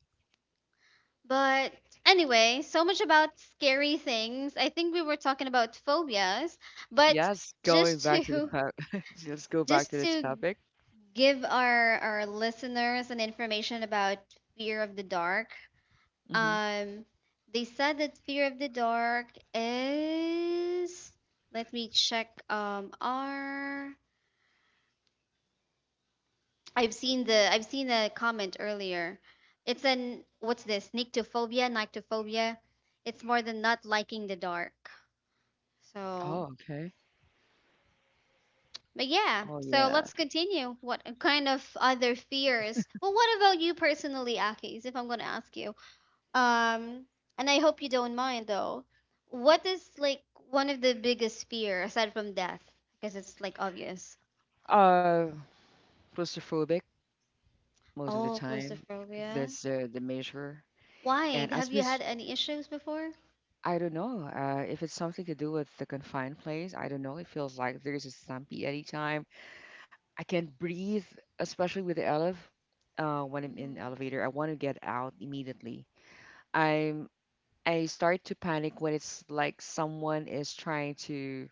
[SPEAKER 2] But anyway, so much about scary things. I think we were talking about phobias, but
[SPEAKER 1] Yes. Going
[SPEAKER 2] just
[SPEAKER 1] back to the
[SPEAKER 2] to
[SPEAKER 1] top. Let's go back
[SPEAKER 2] just
[SPEAKER 1] to the
[SPEAKER 2] to
[SPEAKER 1] topic.
[SPEAKER 2] give our listeners an information about fear of the dark.
[SPEAKER 1] hmm
[SPEAKER 2] um they said that fear of the dark is, let me check, our, I've seen a comment earlier. It's an what's this nyctophobia? It's more than not liking the dark.
[SPEAKER 1] Oh,
[SPEAKER 2] So,
[SPEAKER 1] okay.
[SPEAKER 2] but yeah,
[SPEAKER 1] Oh,
[SPEAKER 2] so
[SPEAKER 1] yeah.
[SPEAKER 2] let's continue. What kind of other fears? Well, what about you personally, Akis, if I'm going to ask you? Um, and I hope you don't mind though, what is like one of the biggest fear aside from death? Because it's like obvious.
[SPEAKER 1] Uh, Claustrophobic most of the
[SPEAKER 2] Oh,
[SPEAKER 1] time.
[SPEAKER 2] claustrophobia.
[SPEAKER 1] That's the measure.
[SPEAKER 2] Why?
[SPEAKER 1] And as
[SPEAKER 2] Have
[SPEAKER 1] we,
[SPEAKER 2] you had
[SPEAKER 1] s-
[SPEAKER 2] any issues before?
[SPEAKER 1] I don't know if it's something to do with the confined place. I don't know. It feels like there's a stumpy anytime. I can't breathe, especially with the elev. When I'm in
[SPEAKER 2] Mhm.
[SPEAKER 1] elevator, I want to get out immediately. I'm I start to panic when it's like someone is trying to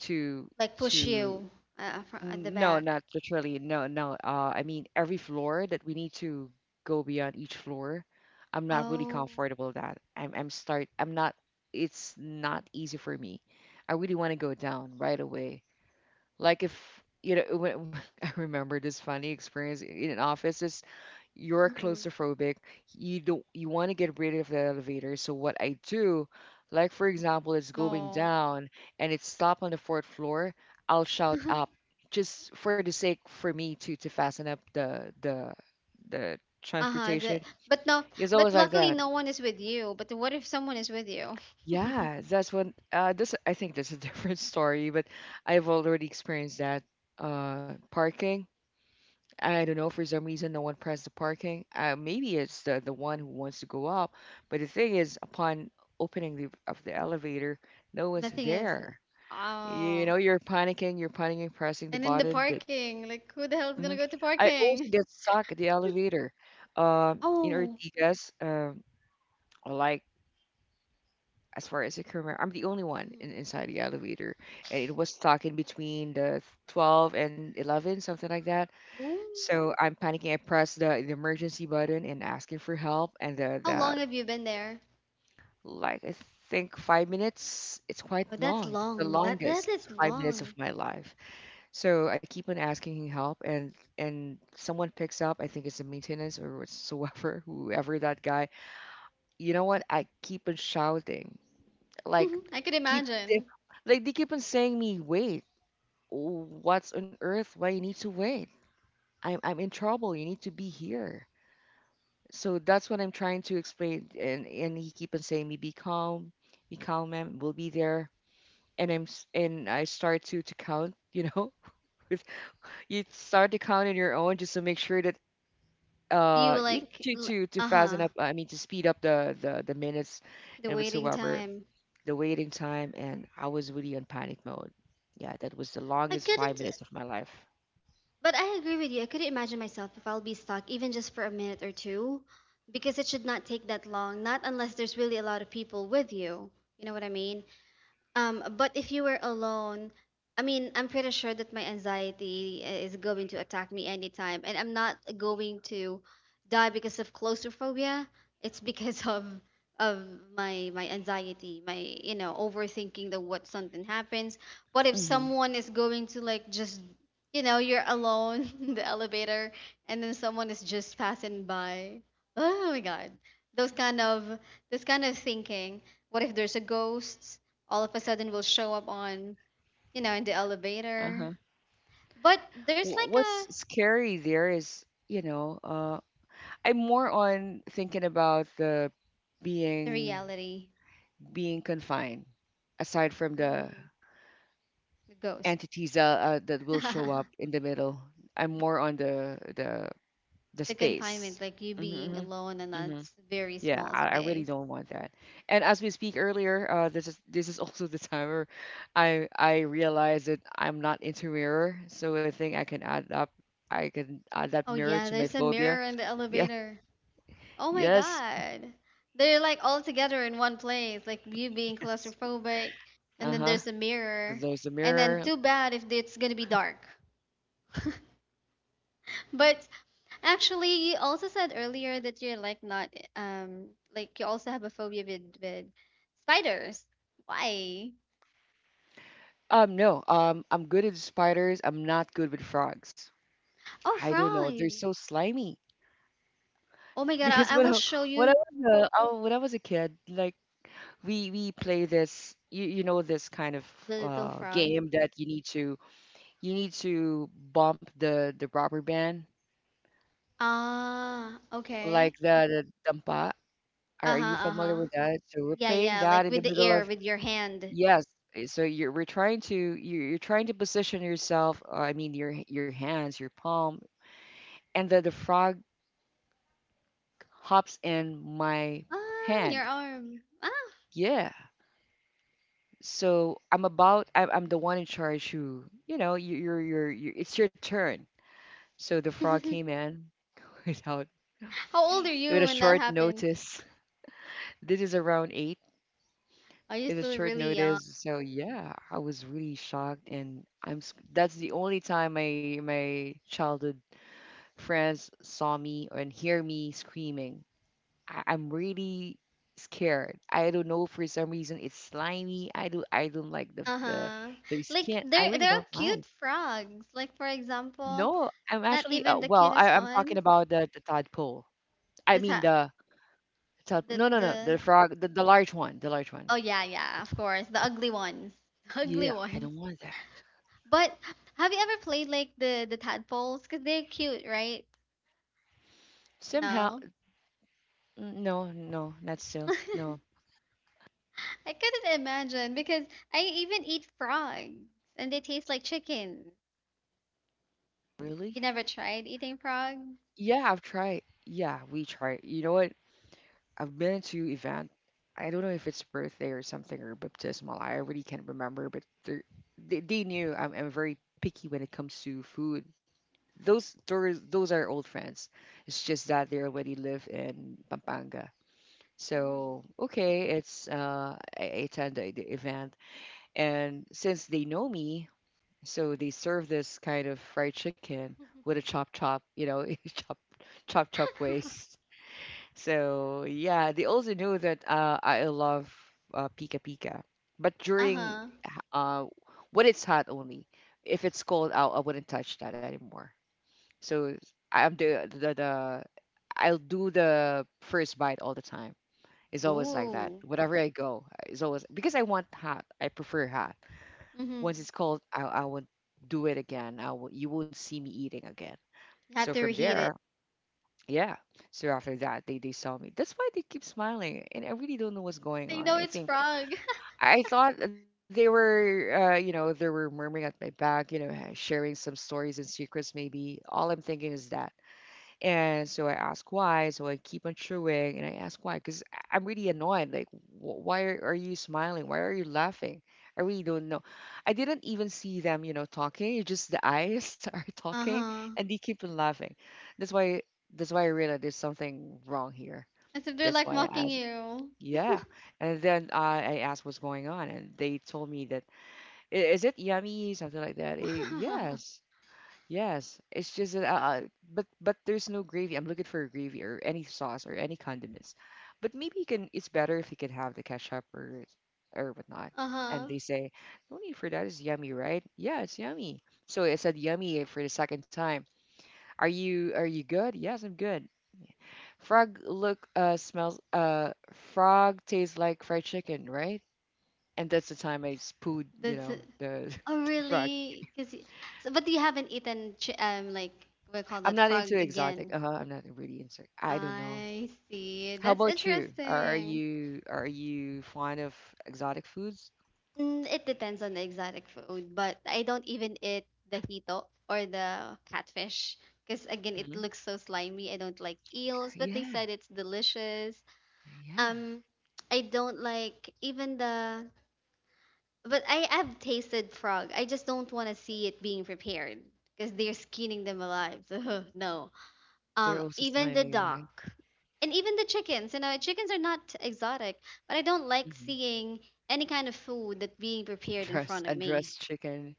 [SPEAKER 1] to
[SPEAKER 2] Like, push
[SPEAKER 1] to
[SPEAKER 2] you, at the
[SPEAKER 1] No,
[SPEAKER 2] back.
[SPEAKER 1] not literally. No, no. I mean, every floor that we need to go beyond each floor, I'm not really
[SPEAKER 2] Oh.
[SPEAKER 1] comfortable with that. I'm start. I'm not. It's not easy for me. I really want to go down right away. Like if you know, when, I remember this funny experience in an office. You're
[SPEAKER 2] Hmm.
[SPEAKER 1] claustrophobic, you don't you want to get rid of the elevator, so what I do, like for example it's going
[SPEAKER 2] Oh.
[SPEAKER 1] down and it's stopped on the fourth floor, I'll shout up just for the sake for me to fasten up the
[SPEAKER 2] Uh-huh.
[SPEAKER 1] transportation.
[SPEAKER 2] But no,
[SPEAKER 1] It's
[SPEAKER 2] but
[SPEAKER 1] always like
[SPEAKER 2] luckily
[SPEAKER 1] that.
[SPEAKER 2] no one is with you. But what if someone is with you?
[SPEAKER 1] Yeah, that's when this I think that's a different story but I've already experienced that. Uh, parking. I don't know, for some reason, no one pressed the parking. Maybe it's the one who wants to go up. But the thing is, upon opening of the elevator, no one's
[SPEAKER 2] Nothing is.
[SPEAKER 1] there. You
[SPEAKER 2] Oh.
[SPEAKER 1] know, you're panicking, pressing the
[SPEAKER 2] And in the
[SPEAKER 1] button. That.
[SPEAKER 2] parking, like, who the hell is
[SPEAKER 1] Mhm.
[SPEAKER 2] gonna go to
[SPEAKER 1] I also
[SPEAKER 2] parking?
[SPEAKER 1] get stuck at the elevator. Uh, in
[SPEAKER 2] Oh.
[SPEAKER 1] Ortigas, like as far as I can remember, I'm the only one
[SPEAKER 2] Hmm.
[SPEAKER 1] inside the elevator, and it was stuck in between the 12 and 11, something like that.
[SPEAKER 2] Ooh.
[SPEAKER 1] So I'm panicking. I press the emergency button and asking for help. And
[SPEAKER 2] How
[SPEAKER 1] the
[SPEAKER 2] long have you been there?
[SPEAKER 1] like I think 5 minutes. It's quite
[SPEAKER 2] Oh, that's
[SPEAKER 1] long. It's the
[SPEAKER 2] long. That
[SPEAKER 1] longest
[SPEAKER 2] is
[SPEAKER 1] 5 minutes of
[SPEAKER 2] long.
[SPEAKER 1] my life. So I keep on asking help, and someone picks up. I think it's the maintenance or whatsoever, whoever that guy. You know what? I keep on shouting, like
[SPEAKER 2] I could
[SPEAKER 1] keep they,
[SPEAKER 2] imagine.
[SPEAKER 1] like they keep on saying me wait. What's on earth? Why you need to wait? I'm in trouble. You need to be here. So that's what I'm trying to explain, and he keep on saying me be calm, ma'am. We'll be there. And I start to count, you know, with. You start to count on your own just to make sure that
[SPEAKER 2] You
[SPEAKER 1] you
[SPEAKER 2] like
[SPEAKER 1] to
[SPEAKER 2] l-
[SPEAKER 1] to to
[SPEAKER 2] uh-huh,
[SPEAKER 1] fasten up. I mean to speed up the minutes
[SPEAKER 2] the
[SPEAKER 1] and
[SPEAKER 2] waiting
[SPEAKER 1] whatsoever,
[SPEAKER 2] time.
[SPEAKER 1] the waiting time. And I was really on panic mode. Yeah, that was the
[SPEAKER 2] I
[SPEAKER 1] longest five
[SPEAKER 2] couldn't
[SPEAKER 1] minutes of my life.
[SPEAKER 2] But I agree with you. I couldn't imagine myself if I'll be stuck even just for a minute or two, because it should not take that long, not unless there's really a lot of people with you. You know what I mean? But if you were alone, I mean, I'm pretty sure that my anxiety is going to attack me anytime, and I'm not going to die because of claustrophobia. It's, because of my anxiety, my, overthinking, that what something happens. What if
[SPEAKER 1] hmm
[SPEAKER 2] someone is going to, like, just, you're alone in the elevator, and then someone is just passing by? Oh my God, those kind of this kind of thinking. What if there's a ghost all of a sudden will show up on, in the
[SPEAKER 1] Uh
[SPEAKER 2] elevator?
[SPEAKER 1] huh.
[SPEAKER 2] But there's like
[SPEAKER 1] Wh-
[SPEAKER 2] a
[SPEAKER 1] What's scary there is, you know. I'm more on thinking about the
[SPEAKER 2] the
[SPEAKER 1] being,
[SPEAKER 2] reality.
[SPEAKER 1] confined. Aside from the
[SPEAKER 2] Mhm. The ghost,
[SPEAKER 1] entities that that
[SPEAKER 2] the
[SPEAKER 1] will show up in the middle, I'm more on the
[SPEAKER 2] confinement,
[SPEAKER 1] space.
[SPEAKER 2] like you being
[SPEAKER 1] hmm
[SPEAKER 2] alone in that
[SPEAKER 1] hmm
[SPEAKER 2] very
[SPEAKER 1] Yeah,
[SPEAKER 2] small
[SPEAKER 1] I really
[SPEAKER 2] space.
[SPEAKER 1] don't want that. And as we speak earlier, this is also the time where I realize that I'm not into mirror, so I think I can add up. I can add that
[SPEAKER 2] Oh
[SPEAKER 1] mirror
[SPEAKER 2] yeah,
[SPEAKER 1] to my
[SPEAKER 2] there's a
[SPEAKER 1] phobia.
[SPEAKER 2] mirror in the
[SPEAKER 1] Yeah.
[SPEAKER 2] elevator. Oh my
[SPEAKER 1] Yes.
[SPEAKER 2] god. They're like all together in one place, like you being
[SPEAKER 1] Yes.
[SPEAKER 2] claustrophobic, and
[SPEAKER 1] Uh
[SPEAKER 2] then
[SPEAKER 1] huh.
[SPEAKER 2] there's a mirror,
[SPEAKER 1] There's the
[SPEAKER 2] and then
[SPEAKER 1] mirror.
[SPEAKER 2] too bad if it's gonna be dark. But Actually, you also said earlier that you're like not um like you also have a phobia with spiders. Why?
[SPEAKER 1] No. I'm good at spiders. I'm not good with frogs.
[SPEAKER 2] Oh,
[SPEAKER 1] I don't know. They're
[SPEAKER 2] frogs.
[SPEAKER 1] so slimy.
[SPEAKER 2] Oh my God,
[SPEAKER 1] Because
[SPEAKER 2] I will show
[SPEAKER 1] when I
[SPEAKER 2] you
[SPEAKER 1] was a, oh, when I was a kid, like we play this, you know this kind of
[SPEAKER 2] the little frog.
[SPEAKER 1] game that you need to bump the rubber band
[SPEAKER 2] Ah, okay.
[SPEAKER 1] like the dampa. Are
[SPEAKER 2] Uh-huh,
[SPEAKER 1] you familiar
[SPEAKER 2] uh-huh.
[SPEAKER 1] with that? So we're
[SPEAKER 2] Yeah,
[SPEAKER 1] playing
[SPEAKER 2] yeah,
[SPEAKER 1] that
[SPEAKER 2] like
[SPEAKER 1] in the
[SPEAKER 2] with the
[SPEAKER 1] middle
[SPEAKER 2] air,
[SPEAKER 1] of,
[SPEAKER 2] with your hand.
[SPEAKER 1] yes. eh, So you're we're trying to you're trying to position yourself. I mean your your hands, your palms, and then the frog hops in my
[SPEAKER 2] Ah, in your
[SPEAKER 1] hand.
[SPEAKER 2] arm. Ah.
[SPEAKER 1] Yeah. So I'm the one in charge who you know you're you're it's your turn. So the frog came in without
[SPEAKER 2] How old are
[SPEAKER 1] with
[SPEAKER 2] you
[SPEAKER 1] a
[SPEAKER 2] when that
[SPEAKER 1] short
[SPEAKER 2] happened?
[SPEAKER 1] notice. This is around 8.
[SPEAKER 2] Are you
[SPEAKER 1] It's a
[SPEAKER 2] still
[SPEAKER 1] short
[SPEAKER 2] really young?
[SPEAKER 1] notice. So yeah, I was really shocked, and that's the only time my my childhood friends saw me and hear me screaming. I'm really scared. I don't know for some reason it's slimy. I don't like
[SPEAKER 2] Uh-huh.
[SPEAKER 1] their
[SPEAKER 2] Like,
[SPEAKER 1] skin. I
[SPEAKER 2] there
[SPEAKER 1] really
[SPEAKER 2] there are
[SPEAKER 1] don't
[SPEAKER 2] cute
[SPEAKER 1] like.
[SPEAKER 2] frogs. Like, for example.
[SPEAKER 1] No, I'm
[SPEAKER 2] Not
[SPEAKER 1] actually
[SPEAKER 2] even the
[SPEAKER 1] well.
[SPEAKER 2] cutest
[SPEAKER 1] I'm talking
[SPEAKER 2] ones.
[SPEAKER 1] about the tadpole. I
[SPEAKER 2] This
[SPEAKER 1] mean
[SPEAKER 2] ha
[SPEAKER 1] the tad, no no no
[SPEAKER 2] the
[SPEAKER 1] the frog, the large one.
[SPEAKER 2] Oh yeah, yeah, of course, the ugly ones, ugly
[SPEAKER 1] Yeah, I
[SPEAKER 2] ones.
[SPEAKER 1] don't want that.
[SPEAKER 2] But have you ever played like the tadpoles? Cause they're cute, right?
[SPEAKER 1] Somehow
[SPEAKER 2] No,
[SPEAKER 1] no, not still
[SPEAKER 2] I
[SPEAKER 1] no.
[SPEAKER 2] couldn't imagine because I even eat frogs, and they taste like chicken.
[SPEAKER 1] Really?
[SPEAKER 2] You never tried eating frog?
[SPEAKER 1] Yeah, I've tried, yeah, we tried. You know what, I've been to event. I don't know if it's birthday or something or baptismal. I really can't remember, but they knew I'm very picky when it comes to food. Those are old friends. It's just that they already live in Pampanga.
[SPEAKER 2] Hmm.
[SPEAKER 1] So okay, it's I attend the event, and since they know me, so they serve this kind of fried chicken with a chop chop, you know, chop chop way. So yeah, they also knew that I love Pika Pika, but during
[SPEAKER 2] Uh-huh.
[SPEAKER 1] uh, when it's hot only. If it's cold out, I wouldn't touch that anymore. So I'm the I'll do the first bite all the time. It's always like that.
[SPEAKER 2] Ooh.
[SPEAKER 1] Whenever I go, it's always because I want hot. I prefer hot.
[SPEAKER 2] Mm-hmm.
[SPEAKER 1] Once it's cold, I won't do it again. I will, you won't see me eating again.
[SPEAKER 2] You
[SPEAKER 1] So
[SPEAKER 2] have to
[SPEAKER 1] from
[SPEAKER 2] reheat it.
[SPEAKER 1] there, yeah. So after that, they saw me. That's why they keep smiling, and I really don't know what's going
[SPEAKER 2] They
[SPEAKER 1] on.
[SPEAKER 2] know it's frog.
[SPEAKER 1] I thought they were, you know, they were murmuring at my back, ha- sharing some stories and secrets. Maybe all I'm thinking is that, and so I ask why. So I keep on chewing and I ask why because I'm really annoyed. Like, wh- why are you smiling? Why are you laughing? I really don't know. I didn't even see them, talking. It's just the eyes are talking,
[SPEAKER 2] Uh-huh.
[SPEAKER 1] and they keep on laughing. That's why that's why I realized there's something wrong here.
[SPEAKER 2] As if they're
[SPEAKER 1] That's
[SPEAKER 2] like
[SPEAKER 1] why I
[SPEAKER 2] mocking
[SPEAKER 1] asked.
[SPEAKER 2] you.
[SPEAKER 1] Yeah. And then I asked what's going on and they told me that, "I- is it yummy?" Something like that. Eh, yes. Yes, it's just that, but there's no gravy. I'm looking for a gravy or any sauce or any condiments. But maybe you can. It's better if you can have the ketchup or whatnot. And
[SPEAKER 2] Uh-huh.
[SPEAKER 1] they say, no need for that. It's yummy, right? Yeah, it's yummy. So I said yummy for the second time. Are you good? Yes, I'm good. Frog look smells frog tastes like fried chicken, right? And that's the time I spooed, you
[SPEAKER 2] That's
[SPEAKER 1] know,
[SPEAKER 2] it.
[SPEAKER 1] the,
[SPEAKER 2] Oh,
[SPEAKER 1] the frog.
[SPEAKER 2] really? Cause so, but you haven't eaten ch like we call
[SPEAKER 1] I'm
[SPEAKER 2] that
[SPEAKER 1] not into
[SPEAKER 2] frog
[SPEAKER 1] exotic.
[SPEAKER 2] again.
[SPEAKER 1] Uh-huh, I'm not really into. I don't know.
[SPEAKER 2] I see.
[SPEAKER 1] How
[SPEAKER 2] That's
[SPEAKER 1] about you? Are are
[SPEAKER 2] interesting.
[SPEAKER 1] you are you fond of exotic foods?
[SPEAKER 2] Mm, it depends on the exotic food, but I don't even eat the hito or the catfish, because again
[SPEAKER 1] Hmm.
[SPEAKER 2] it looks so slimy. I don't like eels, but they
[SPEAKER 1] Yeah,
[SPEAKER 2] said it's delicious.
[SPEAKER 1] yeah.
[SPEAKER 2] Um, I don't like even the, but I have tasted frog. I just don't want to see it being prepared because they're skinning them alive. So, no.
[SPEAKER 1] They're also
[SPEAKER 2] Even the
[SPEAKER 1] slimy, right?
[SPEAKER 2] duck, and even the chickens. You know, chickens are not exotic, but I don't like
[SPEAKER 1] Hmm.
[SPEAKER 2] seeing any kind of food that being prepared in
[SPEAKER 1] Dress
[SPEAKER 2] front of me.
[SPEAKER 1] undressed chicken.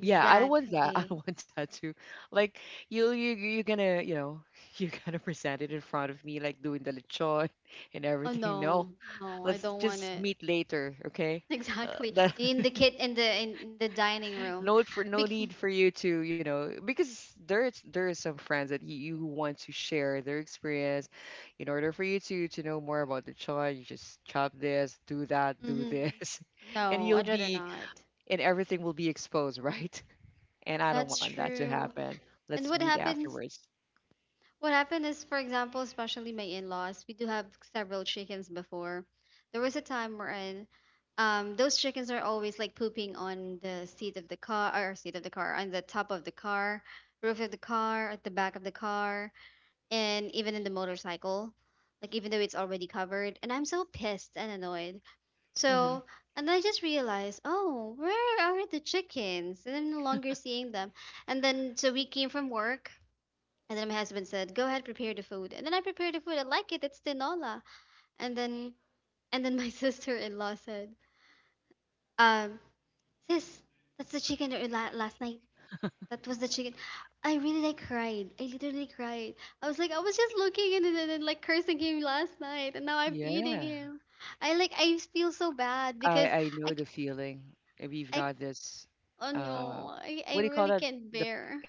[SPEAKER 1] Yeah, I don't want that. I don't want that too. Like you're gonna you're gonna present it in front of me like doing the lechon and
[SPEAKER 2] Oh
[SPEAKER 1] everything. No,
[SPEAKER 2] no, no, I
[SPEAKER 1] let's
[SPEAKER 2] don't want
[SPEAKER 1] just
[SPEAKER 2] it.
[SPEAKER 1] meet later, okay?
[SPEAKER 2] Exactly.
[SPEAKER 1] That
[SPEAKER 2] In the kit in the dining room.
[SPEAKER 1] no for no
[SPEAKER 2] Because.
[SPEAKER 1] need for you to you know, because there's there are some friends that you who want to share their experience in order for you to know more about the child. You just chop this, do that, do
[SPEAKER 2] Hmm.
[SPEAKER 1] this and
[SPEAKER 2] No,
[SPEAKER 1] you'll
[SPEAKER 2] I'd rather
[SPEAKER 1] be
[SPEAKER 2] not.
[SPEAKER 1] and everything will be exposed, right? And I don't
[SPEAKER 2] That's
[SPEAKER 1] want that to
[SPEAKER 2] true.
[SPEAKER 1] happen. Let's
[SPEAKER 2] And what
[SPEAKER 1] meet
[SPEAKER 2] happens?
[SPEAKER 1] afterwards.
[SPEAKER 2] What happened is, for example, especially my in-laws, we do have several chickens before. There was a time wherein, those chickens are always like pooping on the seat of the car, or seat of the car, on the top of the car, roof of the car, at the back of the car, and even in the motorcycle. Like, even though it's already covered, and I'm so pissed and annoyed.
[SPEAKER 1] Hmm.
[SPEAKER 2] So, and I just realized, oh, where are the chickens? And I'm no longer seeing them. And then, so we came from work, and then my husband said, "Go ahead, prepare the food." And then I prepared the food. I like it. It's tinola. And then, my sister-in-law said, "Um, Sis, that's the chicken that you last night. That was the chicken." I really like cried. I literally cried. I was like, I was just looking at it, and then like cursing him last night, and now I'm eating
[SPEAKER 1] Yeah,
[SPEAKER 2] him. I, like, I feel so bad
[SPEAKER 1] i
[SPEAKER 2] because
[SPEAKER 1] i
[SPEAKER 2] I
[SPEAKER 1] know
[SPEAKER 2] c-
[SPEAKER 1] the feeling. We've
[SPEAKER 2] I
[SPEAKER 1] got this
[SPEAKER 2] oh
[SPEAKER 1] uh
[SPEAKER 2] no, I
[SPEAKER 1] what do you call
[SPEAKER 2] really
[SPEAKER 1] that,
[SPEAKER 2] can't
[SPEAKER 1] the
[SPEAKER 2] bear.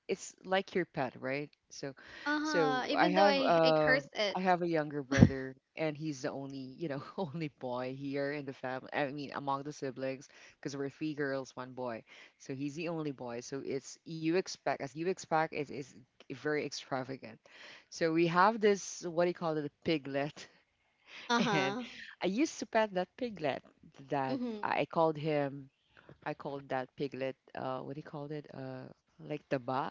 [SPEAKER 1] it's like your pet, right? So,
[SPEAKER 2] Uh huh.
[SPEAKER 1] so
[SPEAKER 2] Even though I cursed
[SPEAKER 1] I
[SPEAKER 2] it.
[SPEAKER 1] have a younger brother, and he's the only you know only boy here in the family. I mean, among the siblings, because we're three girls, one boy. So he's the only boy. So it's you expect as you expect is very extravagant. So we have this what do you call it, a piglet,
[SPEAKER 2] Uh
[SPEAKER 1] and
[SPEAKER 2] huh.
[SPEAKER 1] I used to pet that piglet that
[SPEAKER 2] Mhm.
[SPEAKER 1] I called him. I called that piglet, what do you call it? Like taba.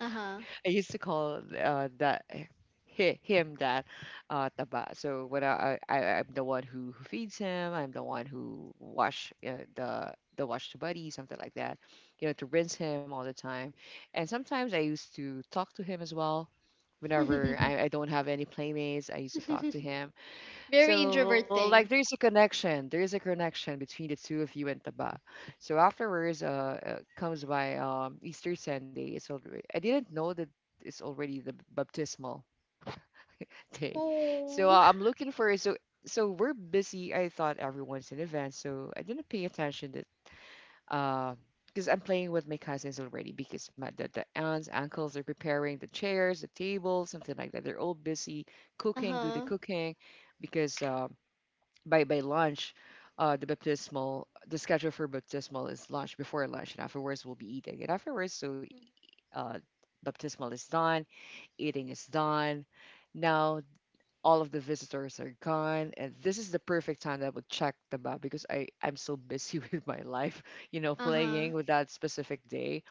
[SPEAKER 2] Uh huh.
[SPEAKER 1] I used to call that hi- him that taba. So when I'm the one who feeds him, I'm the one who wash the wash the buddy, something like that. You know, to rinse him all the time. And sometimes I used to talk to him as well. Whenever I don't have any playmates, I used to talk to him,
[SPEAKER 2] Very
[SPEAKER 1] so
[SPEAKER 2] introvert
[SPEAKER 1] like
[SPEAKER 2] thing.
[SPEAKER 1] there's a connection. There's a connection between the two of you and Taba. So afterwards, comes by Easter Sunday. It's already I didn't know that it's already the baptismal day. So
[SPEAKER 2] Oh.
[SPEAKER 1] I'm looking for so so we're busy. I thought everyone's in event, so I didn't pay attention that uh because I'm playing with my cousins already because my the aunts, uncles are preparing the chairs, the tables, something like that. They're all busy cooking, do the
[SPEAKER 2] Uh-huh.
[SPEAKER 1] cooking because. By lunch, the baptismal the schedule for baptismal is lunch before lunch, and afterwards we'll be eating. And afterwards, so uh, baptismal is done, eating is done. Now all of the visitors are gone, and this is the perfect time that I would check the map because I'm so busy with my life, you know,
[SPEAKER 2] Uh-huh.
[SPEAKER 1] playing with that specific day.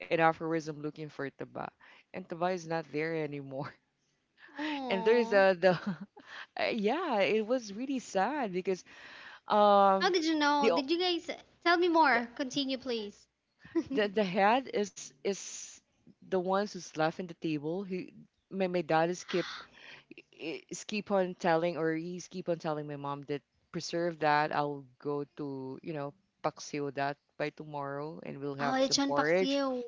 [SPEAKER 1] And afterwards, I'm looking for taba, and taba is not there anymore. And there's
[SPEAKER 2] Oh.
[SPEAKER 1] the yeah, it was really sad because
[SPEAKER 2] How
[SPEAKER 1] um
[SPEAKER 2] did you know?
[SPEAKER 1] the
[SPEAKER 2] Did you guys tell me
[SPEAKER 1] the
[SPEAKER 2] more? Continue, please.
[SPEAKER 1] the head is the ones who's left in the table. He my dad is keep is keep on telling or he's keep on telling my mom that preserve that. I'll go to you know paksiw that by tomorrow and we'll
[SPEAKER 2] Oh,
[SPEAKER 1] have
[SPEAKER 2] it's
[SPEAKER 1] some
[SPEAKER 2] Sean
[SPEAKER 1] porridge,
[SPEAKER 2] Paxio.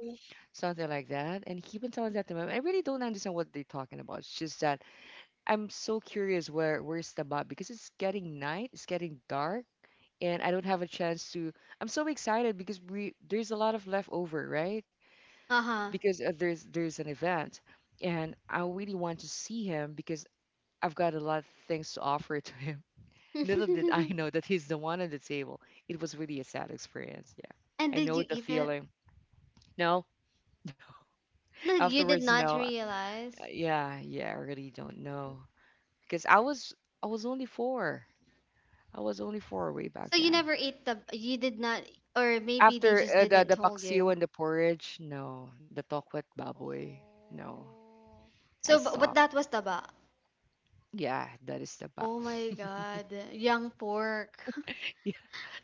[SPEAKER 1] something like that. And he been telling that to me. I really don't understand what they're talking about. It's just that I'm so curious where's the map because it's getting night, it's getting dark, and I don't have a chance to. I'm so excited because we there's a lot of leftover, right?
[SPEAKER 2] Uh-huh.
[SPEAKER 1] Because there's an event and I really want to see him because I've got a lot of things to offer to him. Little did I know that he's the one at the table. It was really a sad experience. Yeah.
[SPEAKER 2] And
[SPEAKER 1] I
[SPEAKER 2] did
[SPEAKER 1] know
[SPEAKER 2] you
[SPEAKER 1] the
[SPEAKER 2] eat it?
[SPEAKER 1] feeling. No,
[SPEAKER 2] No, you did
[SPEAKER 1] afterwards, no.
[SPEAKER 2] not realize.
[SPEAKER 1] Yeah, yeah, I really don't know because I was only four. I was only four-way back
[SPEAKER 2] So you
[SPEAKER 1] then.
[SPEAKER 2] never ate the you did not, or maybe they
[SPEAKER 1] After
[SPEAKER 2] just didn't
[SPEAKER 1] the
[SPEAKER 2] told
[SPEAKER 1] paksiw and
[SPEAKER 2] you.
[SPEAKER 1] the porridge, no. The tokwet baboy, no.
[SPEAKER 2] Oh.
[SPEAKER 1] I
[SPEAKER 2] So, but
[SPEAKER 1] stopped.
[SPEAKER 2] that was taba.
[SPEAKER 1] Yeah, that is the ba.
[SPEAKER 2] Oh my God. Young pork.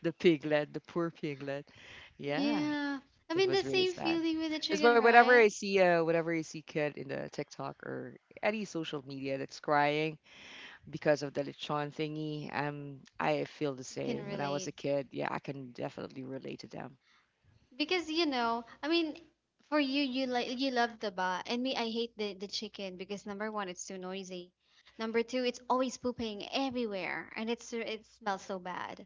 [SPEAKER 1] The piglet, the poor piglet. Yeah,
[SPEAKER 2] Yeah. I mean,
[SPEAKER 1] that
[SPEAKER 2] the
[SPEAKER 1] was really
[SPEAKER 2] same
[SPEAKER 1] sad.
[SPEAKER 2] feeling with the
[SPEAKER 1] That's why
[SPEAKER 2] chicken, right?
[SPEAKER 1] whenever I see kid in the TikTok or any social media that's crying because of the lechon thingy, I feel the
[SPEAKER 2] You can
[SPEAKER 1] same. When I was a
[SPEAKER 2] relate.
[SPEAKER 1] kid, yeah, I can definitely relate to them.
[SPEAKER 2] Because, I mean, for you, you, like, you love the ba, and me, I hate the chicken, because number one, it's too noisy. Number two, it's always pooping everywhere, and it smells so bad.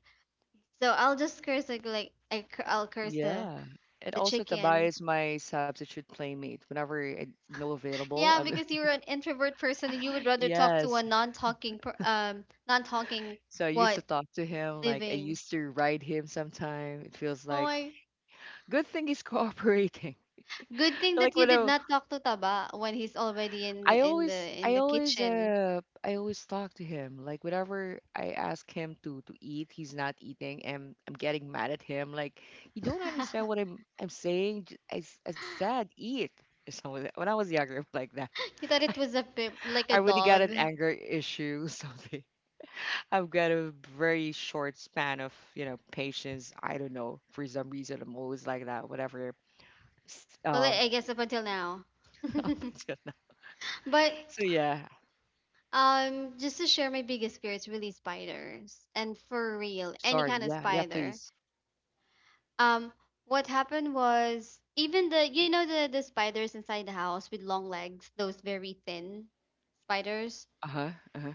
[SPEAKER 2] So I'll just curse, I'll curse
[SPEAKER 1] Yeah. And
[SPEAKER 2] the
[SPEAKER 1] also
[SPEAKER 2] chicken.
[SPEAKER 1] Tobias is my substitute playmate. Whenever I no available,
[SPEAKER 2] Yeah, because you're an introvert person, and you would rather talk to
[SPEAKER 1] yes.
[SPEAKER 2] a non-talking non-talking,
[SPEAKER 1] So I used to
[SPEAKER 2] what,
[SPEAKER 1] talk to him. Like I
[SPEAKER 2] living.
[SPEAKER 1] used to ride him sometime. It feels
[SPEAKER 2] Oh
[SPEAKER 1] like
[SPEAKER 2] my.
[SPEAKER 1] good thing he's cooperating.
[SPEAKER 2] Good thing
[SPEAKER 1] Like
[SPEAKER 2] that you did not talk to Taba when he's already in
[SPEAKER 1] I
[SPEAKER 2] in the
[SPEAKER 1] always
[SPEAKER 2] in
[SPEAKER 1] I
[SPEAKER 2] the
[SPEAKER 1] always
[SPEAKER 2] kitchen.
[SPEAKER 1] I always talk to him like whenever I ask him to eat he's not eating and I'm getting mad at him like you don't understand what I'm saying I said eat or something like that, when I was younger. Like that,
[SPEAKER 2] You thought
[SPEAKER 1] I,
[SPEAKER 2] it was a pip, like
[SPEAKER 1] I
[SPEAKER 2] a
[SPEAKER 1] really got
[SPEAKER 2] dog.
[SPEAKER 1] an anger issue something. I've got a very short span of you know patience. I don't know for some reason I'm always like that whatever. S-
[SPEAKER 2] Well, I
[SPEAKER 1] um
[SPEAKER 2] I guess up until now.
[SPEAKER 1] up until now.
[SPEAKER 2] But,
[SPEAKER 1] So yeah.
[SPEAKER 2] just to share, my biggest fear is really spiders, and for real, any
[SPEAKER 1] Sorry,
[SPEAKER 2] kind of
[SPEAKER 1] yeah, yeah,
[SPEAKER 2] spider.
[SPEAKER 1] please.
[SPEAKER 2] Um, what happened was, even the spiders inside the house with long legs, those very thin spiders.
[SPEAKER 1] Uh-huh, uh-huh.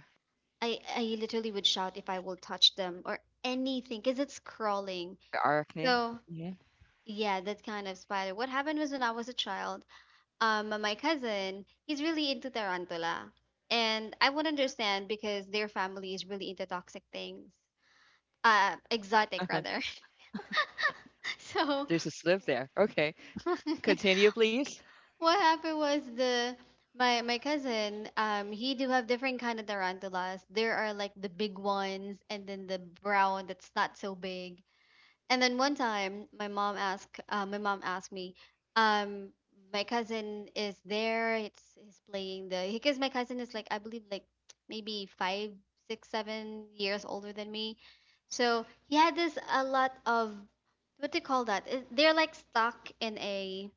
[SPEAKER 2] I literally would shout if I will touch them or anything because it's crawling.
[SPEAKER 1] The arachnid.
[SPEAKER 2] So
[SPEAKER 1] Yeah.
[SPEAKER 2] yeah, that kind of spider. What happened was, when I was a child, my cousin, he's really into tarantula, and I would understand because their family is really into toxic things, exotic
[SPEAKER 1] Uh-huh.
[SPEAKER 2] rather. So
[SPEAKER 1] There's a slip there. Okay. Continue, please.
[SPEAKER 2] what happened was the my my cousin, he do have different kind of tarantulas. There are like the big ones, and then the brown that's not so big. And then one time, my mom asked me, um, my cousin is there. It's he's playing the because my cousin is like I believe like maybe five, six, 7 years older than me. So he had this a lot of what do you call that? They're like stuck in a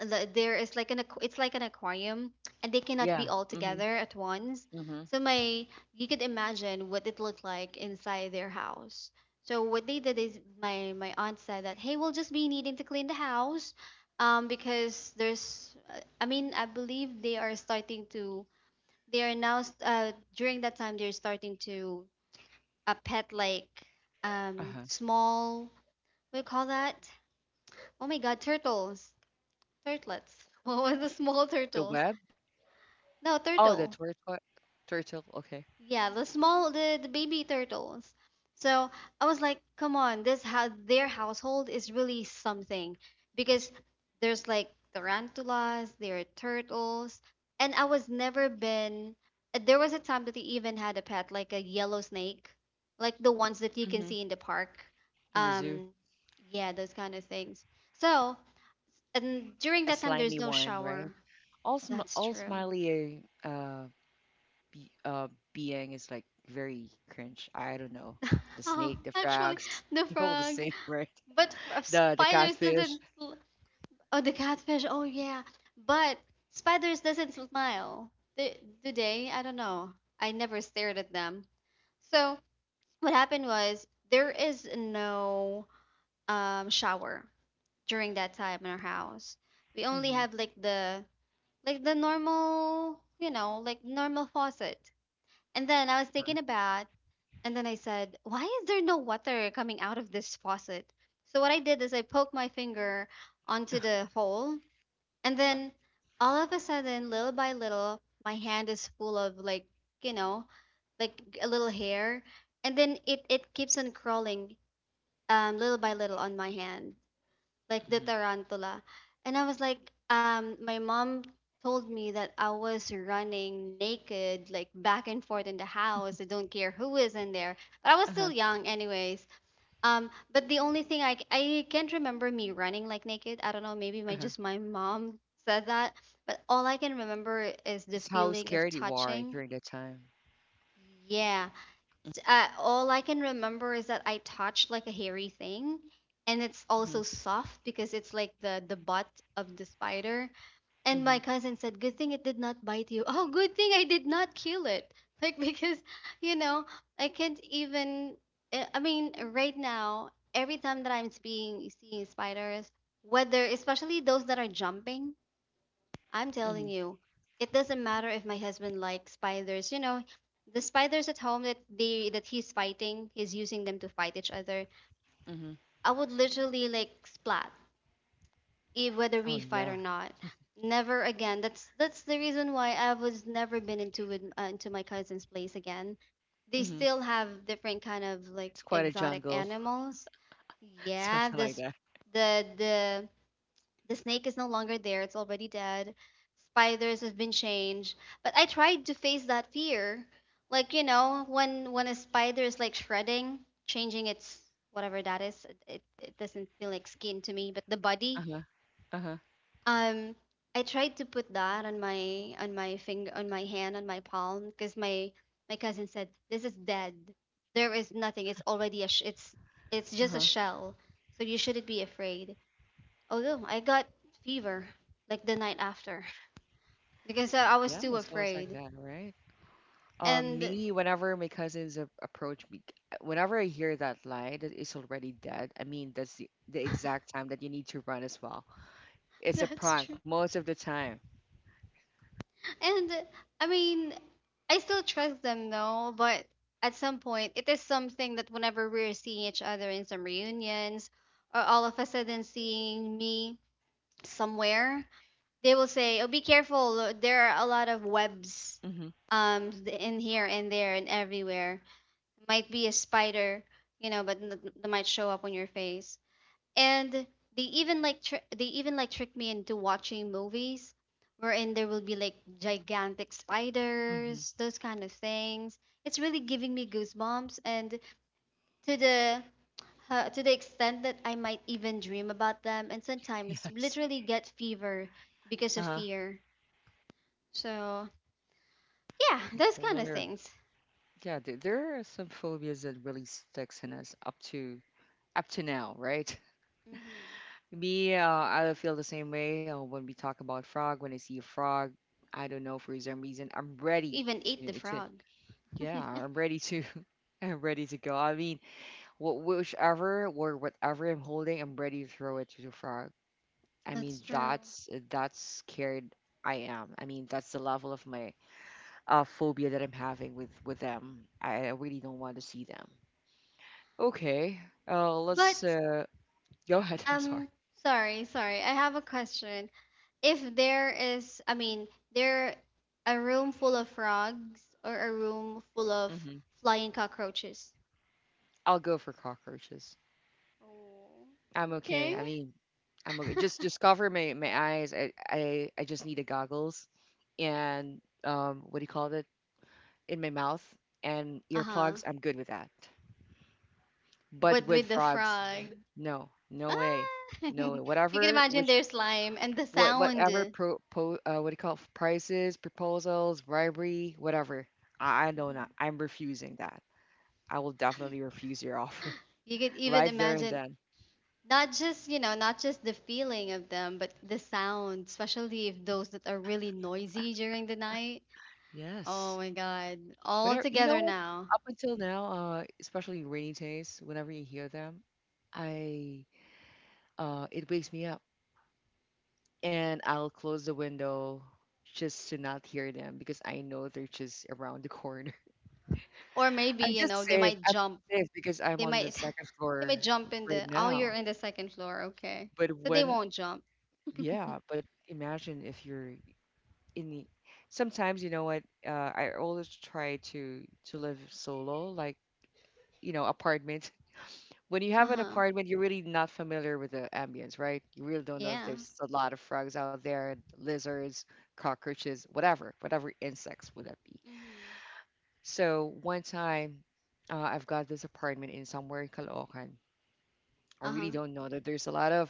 [SPEAKER 2] there is like an it's like an aquarium, and they cannot be
[SPEAKER 1] Yeah.
[SPEAKER 2] all
[SPEAKER 1] Mm-hmm.
[SPEAKER 2] together at once.
[SPEAKER 1] Mm-hmm.
[SPEAKER 2] So my, you could imagine what it looked like inside their house. So what they did is my aunt said that, hey, we'll just be needing to clean the house, because there's I believe they are starting to, they are now s- during that time they're starting to pet like
[SPEAKER 1] Uh-huh.
[SPEAKER 2] small what do you call that? Oh my god, turtles, turtlets. What was the small
[SPEAKER 1] The
[SPEAKER 2] turtles?
[SPEAKER 1] web?
[SPEAKER 2] No,
[SPEAKER 1] Oh, the
[SPEAKER 2] turtle.
[SPEAKER 1] turtle. Turtle. Okay.
[SPEAKER 2] Yeah, the small, the baby turtles. So I was like, come on, this how their household is really something, because there's like tarantulas, there are turtles, and I was never been. There was a time that they even had a pet, like a yellow snake, like the ones that you can
[SPEAKER 1] Mm-hmm.
[SPEAKER 2] see in the park.
[SPEAKER 1] In the zoo.
[SPEAKER 2] Um, yeah, those kind of things. So, and during
[SPEAKER 1] A
[SPEAKER 2] that time, there's
[SPEAKER 1] slimy
[SPEAKER 2] no
[SPEAKER 1] one, right?
[SPEAKER 2] shower.
[SPEAKER 1] All sm
[SPEAKER 2] That's
[SPEAKER 1] all
[SPEAKER 2] true.
[SPEAKER 1] smiley be being is like very cringe. I don't know. The
[SPEAKER 2] Oh,
[SPEAKER 1] snake, the
[SPEAKER 2] actually,
[SPEAKER 1] frogs,
[SPEAKER 2] the
[SPEAKER 1] they're all the
[SPEAKER 2] frog.
[SPEAKER 1] same, right?
[SPEAKER 2] But f- of
[SPEAKER 1] The
[SPEAKER 2] spiders
[SPEAKER 1] catfish.
[SPEAKER 2] doesn't. L- Oh, the catfish. Oh yeah, but spiders doesn't smile. They, do they? I don't know. I never stared at them. So what happened was there is no shower during that time in our house. We only
[SPEAKER 1] Mm-hmm.
[SPEAKER 2] have like the normal, you know, like normal faucet. And then I was thinking about, and then I said, why is there no water coming out of this faucet? So what I did is I poked my finger onto the hole. And then all of a sudden, little by little, my hand is full of like, you know, like a little hair. And then it keeps on crawling little by little on my hand like the
[SPEAKER 1] Mm-hmm.
[SPEAKER 2] tarantula. And I was like, my mom told me that I was running naked, like back and forth in the house. I don't care who is in there. But I was
[SPEAKER 1] Uh-huh.
[SPEAKER 2] still young, anyways. But the only thing I can't remember me running like naked. I don't know. Maybe my
[SPEAKER 1] Uh-huh.
[SPEAKER 2] just my mom said that. But all I can remember is the
[SPEAKER 1] It's how
[SPEAKER 2] feeling of
[SPEAKER 1] scared you are
[SPEAKER 2] touching.
[SPEAKER 1] during that time.
[SPEAKER 2] Yeah, all I can remember is that I touched like a hairy thing, and it's also soft because it's like the butt of the spider. And
[SPEAKER 1] Mhm,
[SPEAKER 2] my cousin said, "Good thing it did not bite you." Oh, good thing I did not kill it. Like because, you know, I can't even. I mean, right now, every time that I'm seeing spiders, whether especially those that are jumping, I'm
[SPEAKER 1] mhm,
[SPEAKER 2] telling you, it doesn't matter if my husband likes spiders. You know, the spiders at home that he's fighting, he's using them to fight each other.
[SPEAKER 1] mhm.
[SPEAKER 2] I would literally like splat, if, whether we
[SPEAKER 1] Oh,
[SPEAKER 2] fight
[SPEAKER 1] yeah.
[SPEAKER 2] or not. Never again. That's the reason why I was never been into with, into my cousin's place again. They
[SPEAKER 1] Mhm.
[SPEAKER 2] still have different kind of like
[SPEAKER 1] It's quite a
[SPEAKER 2] exotic
[SPEAKER 1] jungle,
[SPEAKER 2] animals. Yeah,
[SPEAKER 1] something like
[SPEAKER 2] this
[SPEAKER 1] that.
[SPEAKER 2] the the the snake is no longer there, it's already dead. Spiders have been changed. But I tried to face that fear. Like, you know, when a spider is like shredding, changing its whatever that is, doesn't feel like skin to me, but the body.
[SPEAKER 1] Uh-huh, uh-huh,
[SPEAKER 2] Um I tried to put that on my finger on my hand, on my palm, because my cousin said, this is dead. There is nothing. It's just a
[SPEAKER 1] uh-huh.
[SPEAKER 2] shell. So you shouldn't be afraid. Although I got fever like the night after because I was
[SPEAKER 1] Yeah,
[SPEAKER 2] too
[SPEAKER 1] it's always like
[SPEAKER 2] afraid.
[SPEAKER 1] that, right?
[SPEAKER 2] And
[SPEAKER 1] Me, whenever my cousins a- approach me, whenever I hear that line that it's already dead, I mean, that's the exact time that you need to run as well. It's a
[SPEAKER 2] that's true.
[SPEAKER 1] prank most of the time.
[SPEAKER 2] And I mean, I still trust them though, but at some point it is something that whenever we're seeing each other in some reunions or all of a sudden seeing me somewhere, they will say, "Oh, be careful. There are a lot of webs
[SPEAKER 1] Mhm,
[SPEAKER 2] in here and there and everywhere. Might be a spider, you know, but that might show up on your face." And they they even like trick me into watching movies wherein there will be like gigantic
[SPEAKER 1] mhm.
[SPEAKER 2] spiders, those kind of things. It's really giving me goosebumps, and to the to the extent that I might even dream about them and sometimes
[SPEAKER 1] Yes.
[SPEAKER 2] literally get fever because of
[SPEAKER 1] Uh-huh.
[SPEAKER 2] fear. So yeah,
[SPEAKER 1] It's
[SPEAKER 2] those kind of
[SPEAKER 1] another.
[SPEAKER 2] things.
[SPEAKER 1] Yeah, there are some phobias that really sticks in us up to now, right?
[SPEAKER 2] Hmm,
[SPEAKER 1] Me, I feel the same way when we talk about frog. When I see a frog, I don't know for some reason, I'm ready
[SPEAKER 2] even ate the
[SPEAKER 1] to
[SPEAKER 2] frog.
[SPEAKER 1] yeah, I'm ready to, I'm ready to go. I mean, whichever or whatever I'm holding, I'm ready to throw it to the frog. I mean,
[SPEAKER 2] That's true.
[SPEAKER 1] that's scared I am. I mean, that's the level of my phobia that I'm having with them. I really don't want to see them. Okay, let's
[SPEAKER 2] But
[SPEAKER 1] go ahead. I'm sorry.
[SPEAKER 2] um sorry, sorry, I have a question. If there is, I mean, there a room full of frogs or a room full of
[SPEAKER 1] Hmm.
[SPEAKER 2] flying cockroaches.
[SPEAKER 1] I'll go for cockroaches.
[SPEAKER 2] Oh,
[SPEAKER 1] I'm okay.
[SPEAKER 2] okay.
[SPEAKER 1] I mean, I'm okay. Just just cover my eyes. I just need the goggles and what do you call it in my mouth and earplugs.
[SPEAKER 2] Uh-huh.
[SPEAKER 1] I'm good with that. But
[SPEAKER 2] But
[SPEAKER 1] with
[SPEAKER 2] with the
[SPEAKER 1] frogs,
[SPEAKER 2] frog,
[SPEAKER 1] no, no way,
[SPEAKER 2] ah!
[SPEAKER 1] no way.
[SPEAKER 2] You can
[SPEAKER 1] Whatever
[SPEAKER 2] imagine
[SPEAKER 1] which
[SPEAKER 2] their slime and the
[SPEAKER 1] what
[SPEAKER 2] sound
[SPEAKER 1] whatever
[SPEAKER 2] you
[SPEAKER 1] what do you call it? Prices, proposals, bribery, whatever. I know not. I'm refusing that. I will definitely refuse your offer
[SPEAKER 2] could even
[SPEAKER 1] right there and
[SPEAKER 2] imagine,
[SPEAKER 1] then.
[SPEAKER 2] not just, you know, not just the feeling of them, but the sound, especially if those that are really noisy during the night. Oh
[SPEAKER 1] Yes.
[SPEAKER 2] my god, all
[SPEAKER 1] Whenever you know
[SPEAKER 2] together
[SPEAKER 1] what,
[SPEAKER 2] now.
[SPEAKER 1] up until now, especially rainy days, whenever you hear them, I it wakes me up, and I'll close the window just to not hear them because I know they're just around the corner.
[SPEAKER 2] Or maybe,
[SPEAKER 1] I'm
[SPEAKER 2] you
[SPEAKER 1] just
[SPEAKER 2] know, they
[SPEAKER 1] safe.
[SPEAKER 2] might
[SPEAKER 1] I'm
[SPEAKER 2] jump.
[SPEAKER 1] safe because I'm
[SPEAKER 2] They
[SPEAKER 1] on the
[SPEAKER 2] might
[SPEAKER 1] second
[SPEAKER 2] they might
[SPEAKER 1] floor
[SPEAKER 2] jump in
[SPEAKER 1] right
[SPEAKER 2] the, oh, you're
[SPEAKER 1] now.
[SPEAKER 2] in the second floor, okay.
[SPEAKER 1] But
[SPEAKER 2] So they
[SPEAKER 1] when,
[SPEAKER 2] won't jump.
[SPEAKER 1] yeah, but imagine if you're in the. Sometimes you know what? I always try to live solo, like apartment. When you have an
[SPEAKER 2] Uh-huh.
[SPEAKER 1] apartment, you're really not familiar with the ambience, right? You really don't know if
[SPEAKER 2] Yeah.
[SPEAKER 1] there's a lot of frogs out there, lizards, cockroaches, whatever insects would that be.
[SPEAKER 2] Hmm.
[SPEAKER 1] So one time, I've got this apartment in somewhere in Caloocan. I really
[SPEAKER 2] Uh-huh.
[SPEAKER 1] don't know that there's a lot of